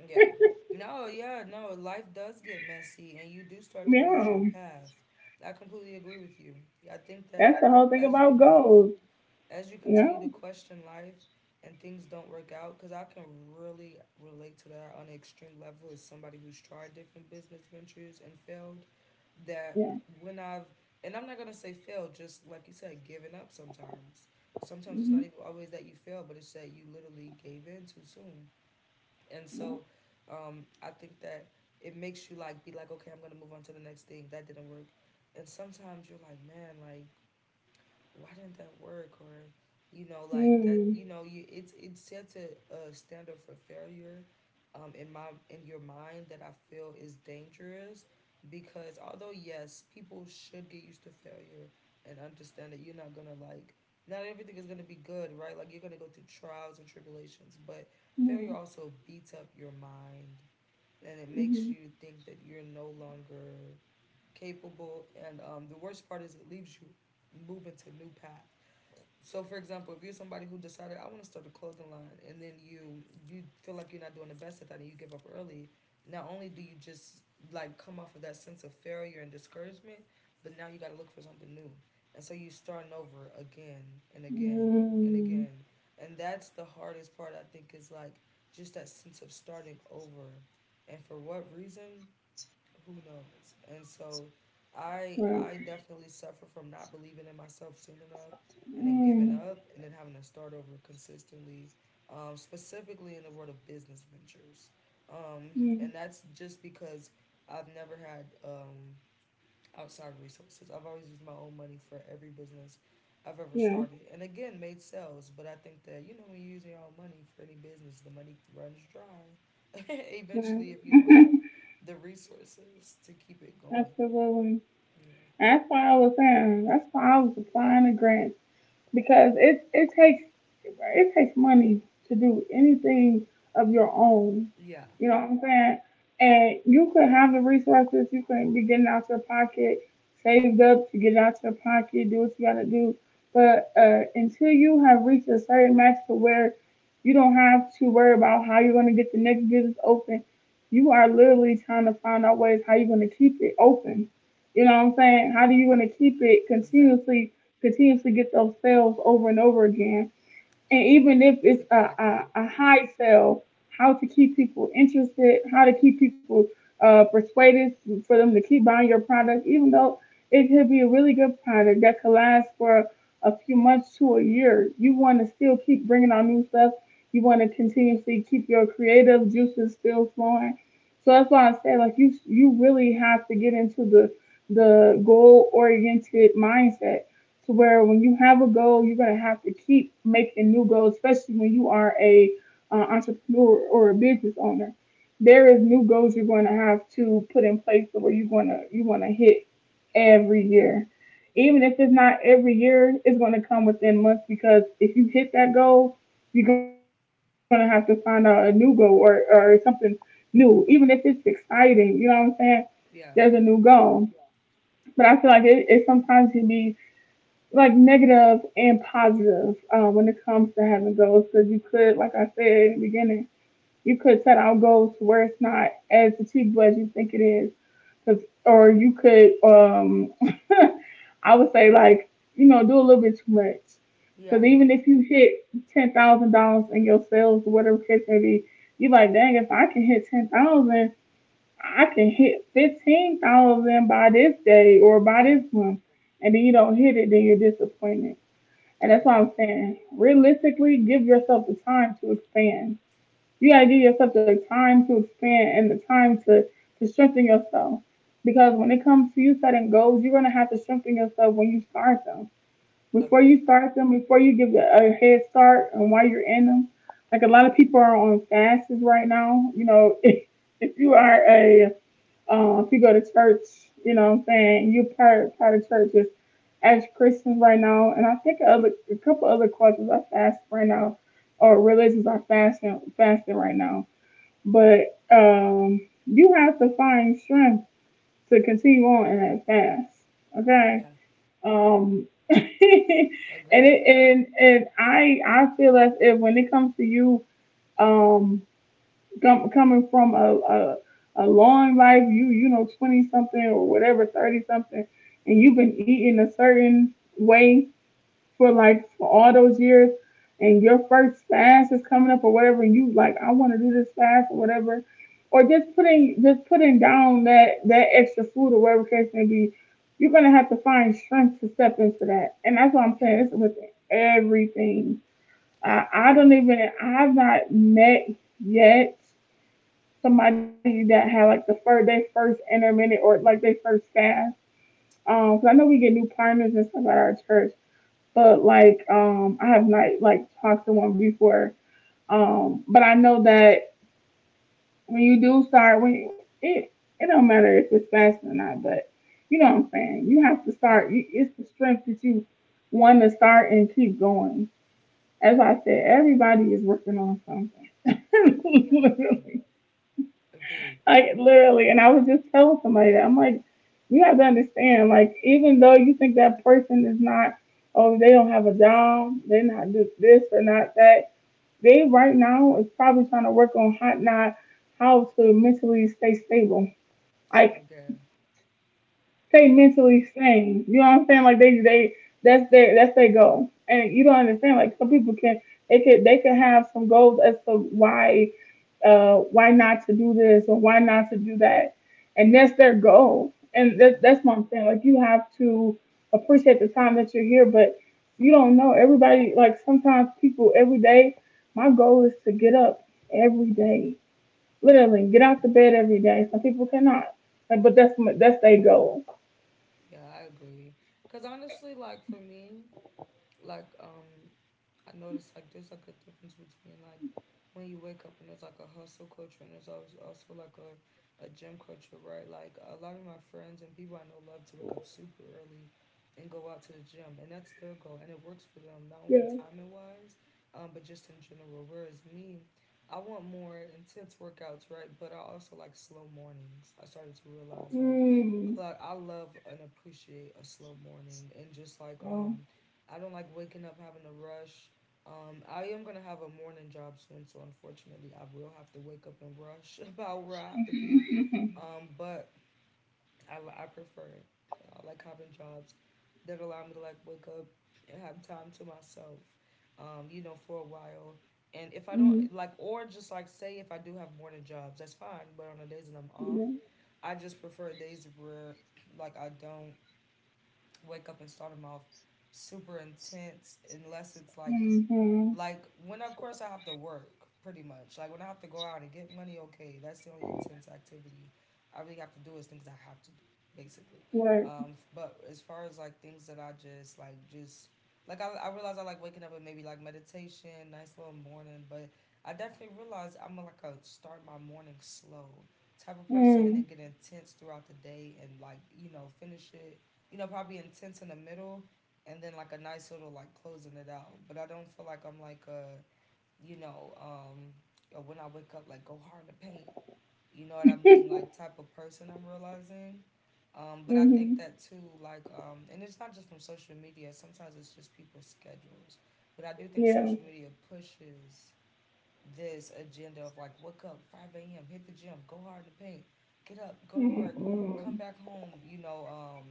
Yeah. No, yeah, no. Life does get messy and you do start to lose your Yeah, path. I completely agree with you. I think that that's the whole thing as about you goals. as you Yeah, continue to question life, and things don't work out cuz I can really relate to that on an extreme level as somebody who's tried different business ventures and failed. That yeah. when I've and I'm not going to say failed, just like you said, giving up sometimes. Sometimes it's Mm-hmm. not even always that you fail, but it's that you literally gave in too soon, and so um, I think that it makes you like be like, okay, I'm gonna move on to the next thing. That didn't work, and sometimes you're like, man, like why didn't that work or you know like that Mm-hmm. you know you it's it sets a, a standard for failure um in my in your mind that I feel is dangerous, because although yes people should get used to failure and understand that you're not gonna like not everything is gonna be good, right, like you're gonna go through trials and tribulations, but Mm-hmm. failure also beats up your mind and it Mm-hmm. makes Mm. you think that you're no longer capable, and um the worst part is it leaves you moving to new paths. So for example, if you're somebody who decided I want to start a clothing line and then you you feel like you're not doing the best at that and you give up early, not only do you just like come off of that sense of failure and discouragement, but now you got to look for something new. And so you are starting over again and again and Mm-hmm. again. And that's the hardest part I think is like just that sense of starting over. And for what reason? Who knows? And so i Right. i definitely suffer from not believing in myself soon enough, and then giving Mm-hmm. up, and then having to start over consistently, um, specifically in the world of business ventures. Um, and that's just because I've never had, um, outside resources. I've always used my own money for every business I've ever Yeah. started and again made sales. But I think that you know when you're using your own money for any business, the money runs dry Right. eventually if you don't have the resources to keep it going. Absolutely. You That's why I was saying. That's why I was applying to grants. Because it it takes it takes money to do anything of your own. Yeah, You know what I'm saying? And you could have the resources, you could be getting out your pocket, saved up to get out your pocket, do what you gotta do. But uh, until you have reached a certain max to where you don't have to worry about how you're gonna get the next business open, you are literally trying to find out ways how you're gonna keep it open. You know what I'm saying? How do you want to keep it exactly. continuously continuously get those sales over and over again. And even if it's Exactly. a, a, a high sale, how to keep people interested, how to keep people uh, persuaded for them to keep buying your product, even though it could be a really good product that could last for a few months to a year. You want to still keep bringing on new stuff. You want to continuously keep your creative juices still flowing. So that's why I say like you you really have to get into the the goal oriented mindset to where when you have a goal, you're going to have to keep making new goals, especially when you are a uh, entrepreneur or a business owner. There is new goals you're going to have to put in place to where you're going to you want to hit every Yeah, year. Even yeah, if it's not every year, it's going to come within months because if you hit that goal, you're going to have to find out a new goal or, or something new. Even if it's exciting, you know what I'm saying? There's a new yeah, goal. But I feel like it, it sometimes can be like negative and positive uh, when it comes to having goals because you could, like I said in the beginning, you could set out goals to where it's not as achievable as you think it is, because or you could, um, I would say like you know do a little bit too much because yeah, even if you hit ten thousand dollars in your sales or whatever case may be, you like dang if I can hit ten thousand I can hit fifteen thousand by this day or by yeah. this month, and then you don't hit it, then you're disappointed. And that's why Agreed. I'm saying, realistically, give yourself the time to expand. You gotta give yourself the time to expand and the time to to strengthen yourself. Because when it comes to you setting goals, you're gonna have to strengthen yourself when you start them. Before Agreed. you start them, before you give a a head start and while you're in them, like a lot of people are on fasts right now. You know, if, if you are a um, if you go to church, you know what I'm saying, you're part, part of churches as Christians right now. And I think other, a couple other cultures are fasting right now, or religions are fasting, fasting right now. But um, you have to find strength to continue on in that fast. Okay? Yeah, Um, and agreed. it, and and I I feel as if when it comes to you, um, com- coming from a, a a long life, you you know twenty something or whatever, thirty something, and you've been eating a certain way for like for all those years, and your first fast is coming up or whatever, and you like I want to do this fast or whatever, or just putting just putting down that that extra food or whatever case may be, you're gonna have to find strength to step into that, and that's what I'm saying. Yeah, It's with everything. I I don't agreed. even I've not met yet somebody that had like the first their first intermittent or like their first fast. Um, Cause I know we get new partners and stuff at our church, but like um, I have not like talked to one before. Um, but I know that when you do start, when you, it it don't matter if it's fast or not, but you know what I'm saying. You have to Yeah, start. You, it's the strength that you want to start and keep going. As I said, everybody is working on something. yeah, agreed. Literally. Agreed. Like literally, and I was just telling somebody that I'm like, you have to understand, like, even though you think that person is not, oh, they don't have a job, they're not this, this or not that, they right now is probably trying to work on how not how to mentally stay stable. Like, Okay. stay Agreed. mentally sane. You know what I'm saying? Like they they that's their that's their goal. And you don't understand. Like some people can they could they could have some goals as to why uh why not to do this or why not to do that, and that's their goal. And that, Yeah, that's what I'm saying. Like you have to appreciate the time that you're here, but you don't know everybody. Like sometimes people every day. My goal is to get up every day. Literally, get out the bed every day. Some people cannot. Like, but that's my- that's their goal. yeah, I agree. Cause honestly, like for me, like, um, I noticed like there's like a difference between, like, when you wake up, and there's like a hustle culture, and there's always also like a a gym culture, right? Like a lot of my friends and people I know love to wake up super early and go out to the gym, and that's their goal, and it works for them not only Yeah. timing wise, um, but just in general. Whereas me, I want more intense workouts, right? But I also like slow mornings. I started to realize, like, Mm. like I love and appreciate a slow morning, and just like, Well. um I don't like waking up having to rush. Um I am gonna have a morning job soon, so unfortunately I will have to wake up and rush about where I have to be. Um but I I prefer it. And I like having jobs that allow me to, like, wake up and have time to myself. Um, you know, for a while. And if I don't Mm. like, or just like, say if I do have morning jobs, that's fine, but on the days that I'm off, Yeah. I just prefer days where, like, I don't wake up and start them off super intense, unless it's like Mm-hmm. like when, of course, I have to work pretty much. Like when I have to go out and get money, okay, that's the only intense activity I really have to do, is things I have to do, basically. Like. Um, but as far as like things that I just like just like I, I realize, I like waking up with maybe like meditation, nice little morning. But I definitely realize I'm like a start my morning slow type of person, and Mm. then get intense throughout the day, and, like, you know, finish it, you know, probably intense in the middle, and then like a nice little like closing it out. But I don't feel like I'm like a, you know um or when I wake up, like, go hard to paint. You know what I mean? Like, type of person I'm realizing. Um, but I think Mm-hmm. that too, like, um, and it's not just from social media. Sometimes it's just people's schedules. But I do think Yeah. social media pushes this agenda of, like, wake up five a m, hit the gym, go hard in the paint, get up, go to work, come Mm-hmm. back home, you know um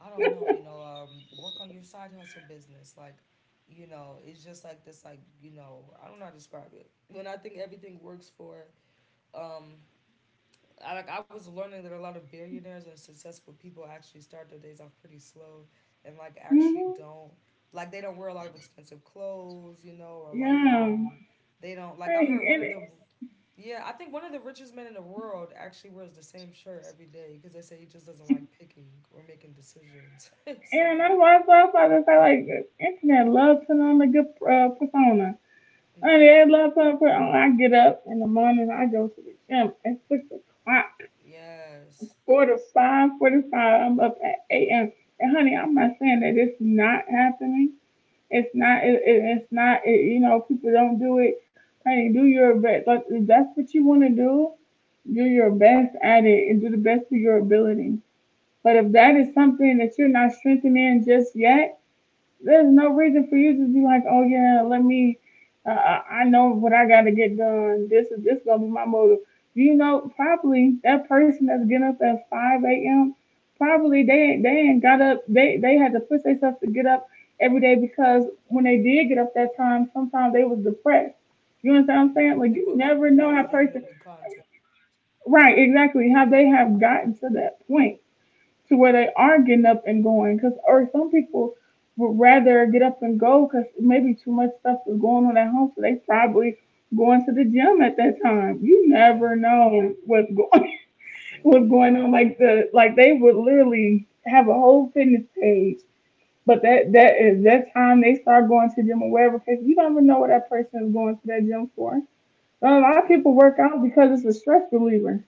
I don't know, you know um work on your side hustle business, like, you know it's just like this, like, you know I don't know how to describe it, when I think everything works for, um I, like, I was learning that a lot of billionaires and successful people actually start their days off pretty slow, and, like, actually Mm-hmm. don't, like, they don't wear a lot of expensive clothes, you know, or, like, Yeah. um they don't, like, I Like, heard one of and, the, yeah, I think one of the richest men in the world actually wears the same shirt every day because they say he just doesn't like picking or making decisions, and something that's like why I that. some fathers say like the internet love putting on a good uh, persona. I mean, Hmm. they love putting put on. I get up in the morning. I go to the gym at six o'clock. Yes. Four to five, forty-five. I'm up at eight a m. And honey, I'm not saying that it's not happening. It's not. It, it, it's not. It, you know, people don't do it. Hey, do your best. Like if that's what you want to do, do your best at it and do the best of your ability. But if that is something that you're not strengthening just yet, there's no reason for you to be like, oh yeah, let me. Uh, I I know what I got to get done. This is this gonna be my motive. You know, probably that person that's getting up at five a m. Probably they ain't- they ain't got up. They they had to push themselves to get up every day because when they did get up that time, sometimes they was depressed. You understand what I'm Mhm. saying? Like And for you a lot of never people, know it's how person. genuinely content. Right, exactly. How they have gotten to that point to where they are getting up and going. Cause or some people would rather get up and go because maybe too much stuff is going on at home, so they probably going to the gym at that time. You Yeah, never know what's going. we What's never going know. on. Like the like they would literally have a whole fitness page, but that that is that time they start going to the gym or wherever because you don't even know what that person is going to that gym for. So a lot of Yeah, people work out because it's a stress reliever,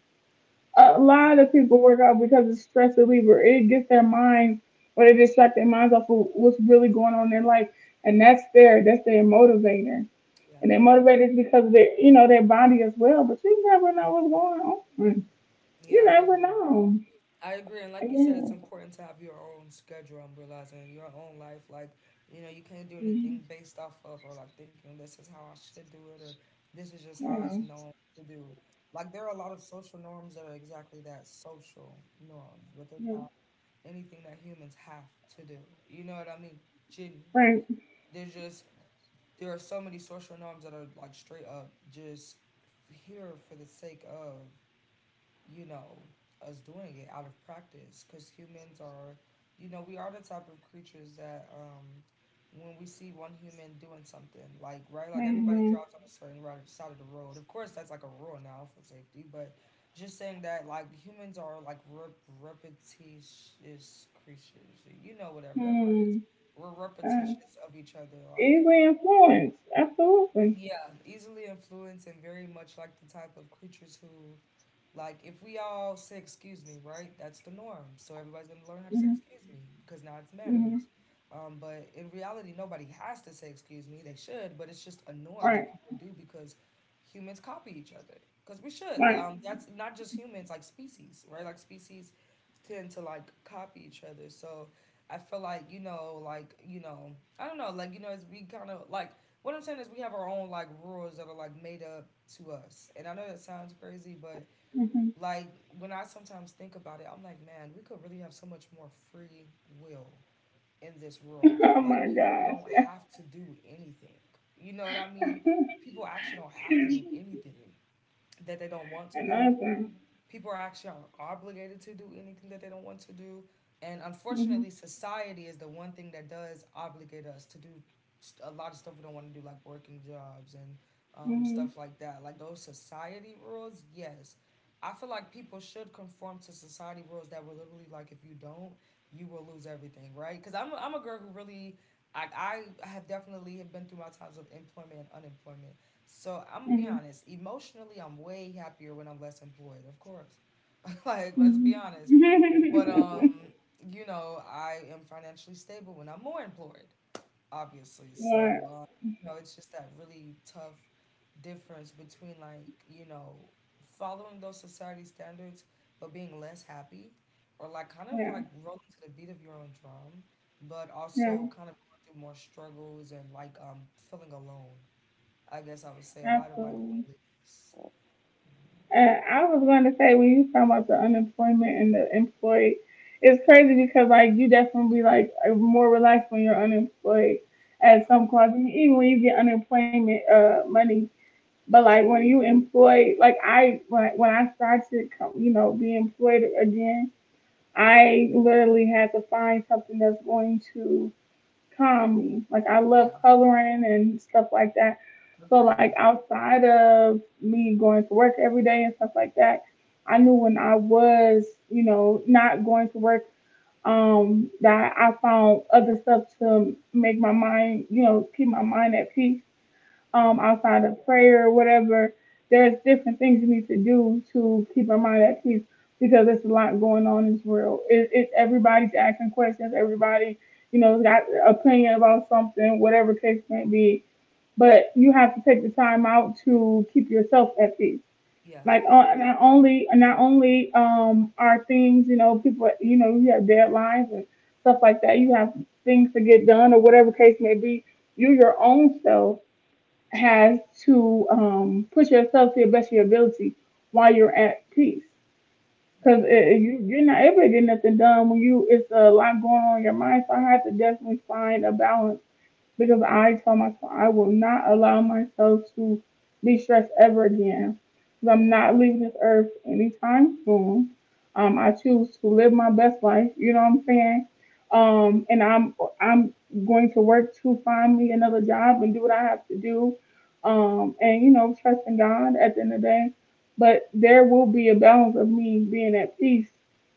a yeah, lot of people work out because it's stress reliever. It gets their minds, or they distract their minds off of what's really going on in their life. And that's their that's their motivator. yeah, And they're motivated because of their you know, their body as well. But you never know what's going on. You yeah. I never agree. know. I agree, and like you said, Yeah. it's important to have your own schedule and realizing your own life. Like, you know, you can't do anything based off of, or like, thinking this is how I should do it, or this is just how it's Yeah. known to do. Like, there are a lot of social norms that are exactly that, social norms, but they're Yeah. not anything that humans have to do. You know what I mean? Gen- Right. There's just there are so many social norms that are like straight up just here for the sake of, you know, us doing it out of practice, because humans are, you know, we are the type of creatures that, um, when we see one human doing something, like, right, like, everybody Mm-hmm. drives on a certain right side of the road. Of course, that's like a rule now for safety. But just saying that, like, humans are like rep- repetitious creatures, you know, whatever that word Hmm. is. We're Uh, repetitious of each other, like, Easily influenced. Absolutely. yeah, easily influenced and very much like the type of creatures who, like, if we all say excuse me, right? That's the norm. So everybody's gonna learn how to say Hmm. excuse me because now it's Hmm. manners. Um, but in reality, nobody has to say excuse me. They should, but it's just a norm Right. that people do because humans copy each other. Because we should. Right. Um, that's not just humans, like species, right? Like species tend to, like, copy each other. So I feel like, you know, like, you know, I don't know, like, you know, as we kind of like, what I'm saying is we have our own like rules that are like made up to us. And I know that sounds crazy, but Hmm. like, when I sometimes think about it, I'm like, man, we could really have so much more free will in this world. Oh Like, my people don't have to do anything. You know what I mean? gosh. People actually don't have to do anything that they don't want to do. Amazing. People are actually obligated to do anything that they don't want to do, and Mhm. unfortunately society is the one thing that does obligate us to do a lot of stuff we don't want to do, like working jobs and, um, Mhm. stuff like that, like those society rules. Yes, I feel like people should conform to society rules that were literally, like, if you don't, you will lose everything, right? Because I'm, i I'm a girl who really, I, I have definitely have been through my times of employment and unemployment. So I'm gonna be Mhm. honest, emotionally I'm way happier when I'm less employed, of course. Like, let's be Mhm. honest. But, um, you know, I am financially stable when I'm more employed, obviously. Yeah. So, um, you know, it's just that really tough difference between, like, you know, following those society standards but being less happy, or like kind of Yeah. like rolling to the beat of your own drum, but Yeah. also kind of going through more struggles, and, like, um feeling alone, I guess I would say, a lot of like Absolutely. loneliness. Uh, I was going to say, when you talking about the unemployment and the employed, it's crazy because like you definitely like are more relaxed when you're unemployed Yeah. at some clubs, and even when you get unemployment uh money. But like when you employed, like I when when I started, co- you know, being employed again, I literally had to find something that's going to calm me. Like I love Yeah. coloring and stuff like that. So Agreed. like outside of me going to work every day and stuff like that, I knew when I was, you know, not going to work, um, that I found other stuff to make my mind, you know, keep my mind at peace, um, Yeah. outside of prayer or whatever. There's different things you need to do to keep your mind at peace because there's a lot going on in this world. It, it, everybody's asking questions. Everybody, you know, got an opinion about something, whatever case may be. But you have to take the time out to keep yourself at peace. Yeah. Like uh, not only not only um, are things, you know, people, you know, you have deadlines and stuff like that. You have things to get done or whatever case may be. You your own self has to um, push yourself to your best of your ability while you're at peace. Because Yeah. you, you're not able to get nothing done when you it's a lot going on in your mind. So I had to definitely find a balance because I told myself I will not allow myself to be stressed ever again. Because I'm Yeah. not leaving this earth anytime soon. Um, I choose to live my best life. You know what I'm saying? Um, and I'm I'm going to work to find me another job and do what I have to do. Um, and you know, trust in God at the end of the day. But there will be a balance of me being at peace.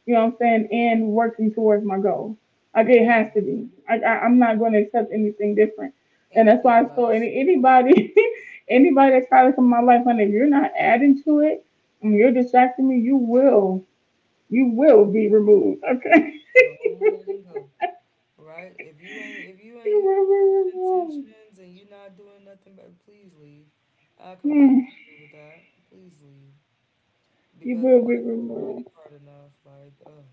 You know what I'm saying? And working towards my goals. Like it Yeah. has to be. Like I, I'm not going to accept anything different. And that's why Anything I told less. any, anybody, anybody that's trying to come in my life, honey, if you're not adding to it and you're distracting me, you will, you will be removed. Okay, Go on ahead and go. Right? If you ain't if you ain't you here will with no be good removed. intentions and you're not doing nothing, but please leave. I completely Hmm. agree with that. Please leave. You Because will be life is already removed. hard enough. Like, uh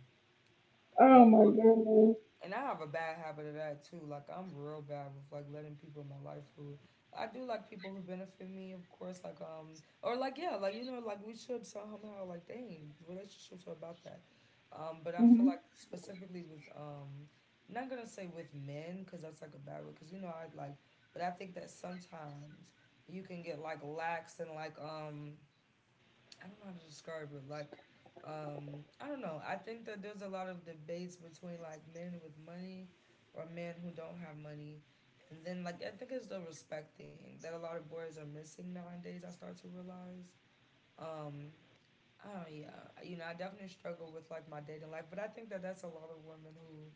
Oh like my why, goodness. and I have a bad habit of that too. Like, I'm real bad with like letting people in my life who, I do like people who benefit me, of course. Like, um, or, like, yeah, like, you know, like, we should somehow, like, dang, relationships are about that. Um, but I feel like Mm-hmm. specifically with, um, not gonna say with men, because that's like a bad word, because you know I like, but I think that sometimes you can get like lax, and like, um I don't know how to describe it. Like, um, I don't know. I think that there's a lot of debates between, like, men with money or men who don't have money. And then, like, I think it's the respect thing that a lot of boys are missing nowadays, I start to realize. Um, oh yeah, you know I definitely struggle with like my dating life, but I think that that's a lot of women who,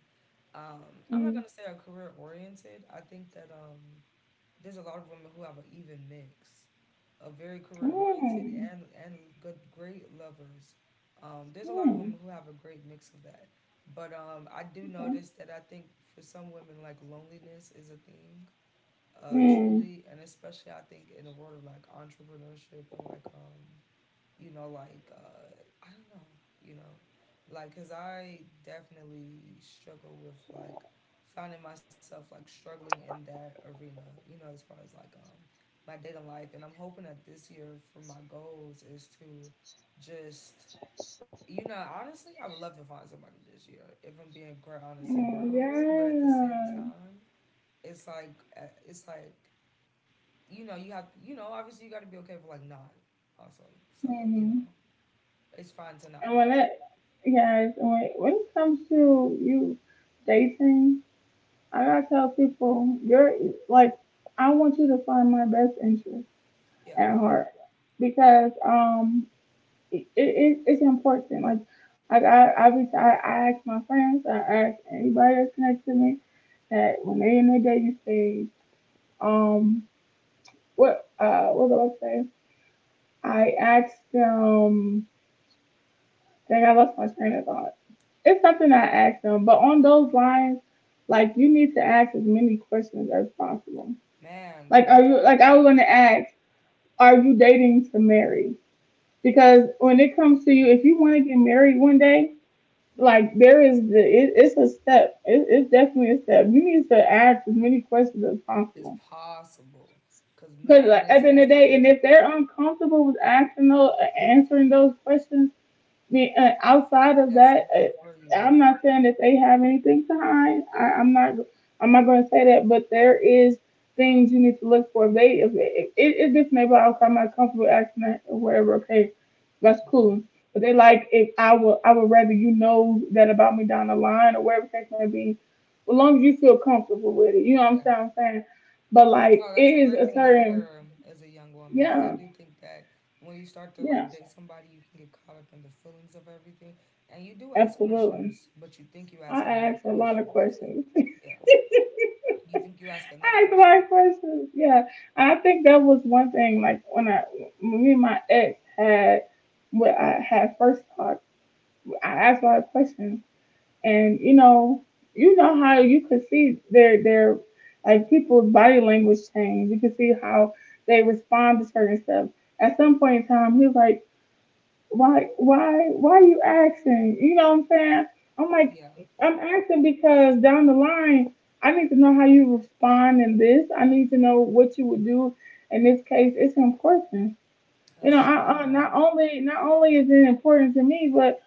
um, I'm Mm. not gonna say are career oriented. I think that, um, there's a lot of women who have an even mix. A very career oriented Mm. and and good great lovers. Um, there's a lot of Mm. women who have a great mix of that, but, um, I do Okay. notice that I think for some women like loneliness is a thing, uh, Mm. truly, and especially I think in the world of like entrepreneurship and like, um, you know, like, uh, I don't know, you know, like, because I definitely struggle with, like, finding myself, like, struggling in that arena, you know, as far as, like, um, my dating life. And I'm hoping that this year for my goals is to just, you know, honestly, I would love to find somebody this year, if I'm being quite honest and Mm. vulnerable. But at the same Yeah. time, it's like, uh, it's like, you know, you have, you know, obviously you got to be okay for, like, not also. So, you know, Mm-hmm. it's fine to not And when be. it, guys, when when it comes to you dating, I gotta tell people, you're, like, I want you to find my best interest Yeah. at heart because um, it, it it's important. Like, like I I reach, I, I ask my friends, I ask anybody that's connected to me that when they in their dating stage, um, what uh, what do I say? I ask them. Dang, I lost my train of thought. It's something I asked them, but on those lines, like you need to ask as many questions as possible. Man, Like, don't are you? you like I was gonna ask, are you dating to marry? Because when it comes to you, if you want to get married one day, like there is the it, it's a step. It, it's definitely a step. You need to ask as many questions as It's possible. possible. Because Because man like, is at the an end of the day, and experiment. if they're uncomfortable with asking those, answering those questions, the, uh, outside of That's that, enough for uh, you. I'm not saying that they have anything to hide. I, I'm not. I'm not going to say that, but there is things you need to look for. If they, if it, it, it's just maybe okay, I'm not comfortable asking that or whatever. Okay, that's Hmm. cool. But they like if I would, I would rather you know that about me down the line or whatever the case may be, as long as you feel comfortable with it. You know what I'm Yeah. saying? I'm saying, but No, like it that's a is great a thing to certain, hear, um, as a young woman. Because I yeah, do think that when you start to yeah, like date somebody, you can get caught up in the feelings of everything. And you do ask absolutely. questions, but you think you ask I enough ask a lot of questions. questions. Yeah. You think you ask enough Ask my questions. questions. Yeah, I think that was one thing. Like when I, when me and my ex had, when I had first talked, I asked a lot of questions, and you know, you know how you could see their their like people's body language change. You could see how they respond to certain stuff. At some point in time, he was like, why why why are you asking? You know what I'm saying? I'm like, Yeah. I'm asking because down the line I need to know how you respond in this. I need to know what you would do in this case. It's important. You know, I, I Extremely. not only not only is it important to me, but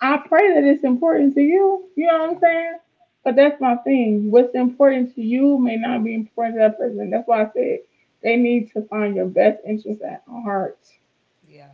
I pray that it's important to you. You know what I'm Yeah. saying? But that's my thing. What's important to you may not be important to that person. That's why I said they need to find your best interest at heart. Yeah.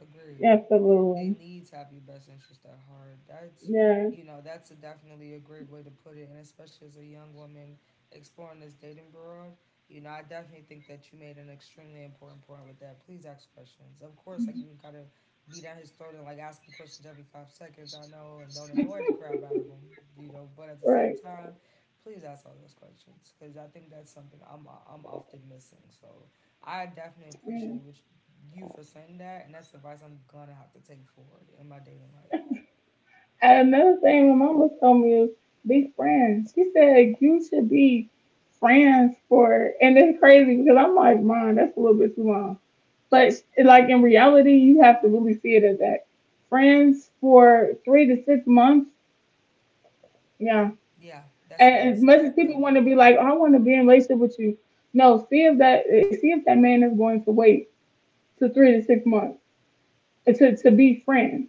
Agreed. Absolutely. They need to have your best interest at heart. That's, Yeah. you know, that's a definitely a great way to put it, and especially as a young woman exploring this dating world. You know, I definitely think that you made an extremely important point with that. Please ask questions. Of course, like, you gotta be down his throat and like ask him questions every five seconds, I know, and don't annoy the crap out of him. You know, but at the Right. same time, please ask all those questions because I think that's something I'm I'm often missing. So I definitely appreciate Yeah. what you for saying that, and that's advice I'm gonna have to take forward in my dating life. And another thing my mama told me was be friends. She said you should be friends for, and it's crazy because I'm like, Mom, that's a little bit too long. But like in reality, you have to really see it as that. Friends for three to six months. Yeah. Yeah, that's And as nice. much as That's people good. want to be like, oh, I want to be in a relationship with you. No, see if that see if that man is going to wait to three to six months uh, to to be friends.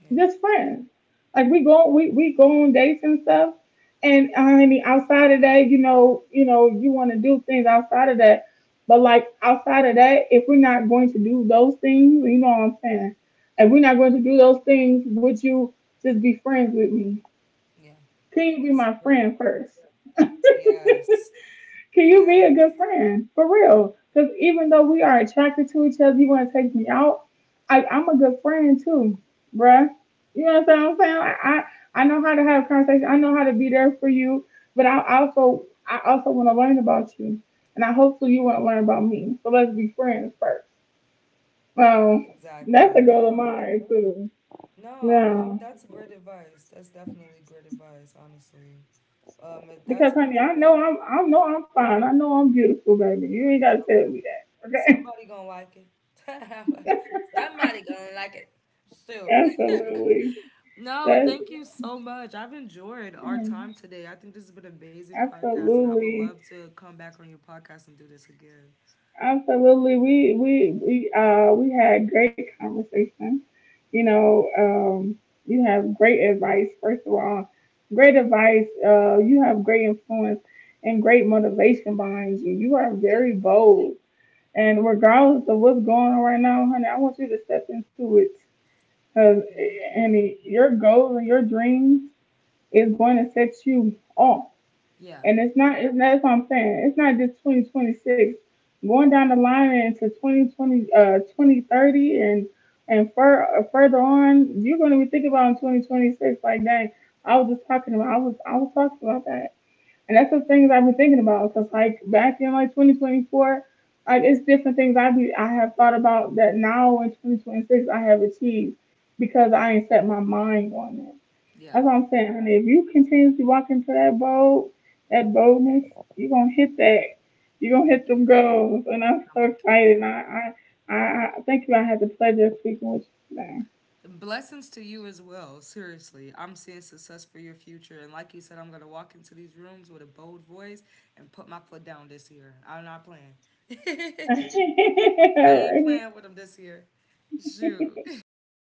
Yeah, Just friends. Like we go we we go on dates and stuff. And I mean outside of that, you know, you know, you wanna do things outside of that. But like outside of that, if we're not going to do those things, you know what I'm saying? If we're not going to do those things, would you just be friends with me? yeah, Can you be that's my a great friend point. first? Yes, Can you be a yes, good friend for real? Because even though we are attracted to each other, you want to take me out. I, I'm a good friend too, bruh. You know what I'm saying? I, I I know how to have a conversation. I know how to be there for you, but I also I also want to learn about you, and I hopefully you want to learn about me. So let's be friends first. Um, that's a exactly. goal of No, mine too. no, I'm, I'm. Yeah, That's great advice. That's definitely great advice. Honestly, um, if because that's honey, I know okay. I'm I know I'm fine. I know I'm beautiful, baby. You ain't gotta tell me that, okay? Somebody gonna like it. Somebody gonna like it. Shoot. Absolutely. No, and That thank you so much. I've enjoyed our time mm, today. I think this has been an amazing podcast, and I would Absolutely, love to come back on your podcast and do this again. absolutely. We we we uh we had great conversation. You know, um, you have great advice. First of all, great advice. Uh, you have great influence and great motivation behind you. You are Thank very you. bold, and regardless of what's going on right now, honey, I want you to step into it. Cause, Thank and you. your goals and your dreams is going to set you off. Yeah. And it's not, it's not, that's what I'm saying. It's not just twenty twenty-six. Going down the line into twenty twenty, uh, twenty thirty, and, and fur, uh, further on, you're going to be thinking about in twenty twenty-six. Like, dang, I was just talking about, I was, I was talking about that. And that's the things I've been thinking about. Cause like back in like twenty twenty-four, like it's different things I be, I have thought about that now in twenty twenty-six I have achieved because I ain't set my mind on it. Yeah. That's what I'm saying, honey. If you continuously walk into that bold, that boldness, you're gonna hit that. You're gonna Thank hit them you. goals, and I'm I'm so a, uh, excited. And I, I, I, I thank you. I had the pleasure of speaking with you Blessings to you as well. Seriously. I'm seeing success for your future. And like you said, I'm going to walk into these rooms with a bold voice and put my foot down this year. I'm not playing. today. I ain't All playing with them this year. Shoot. right. Well,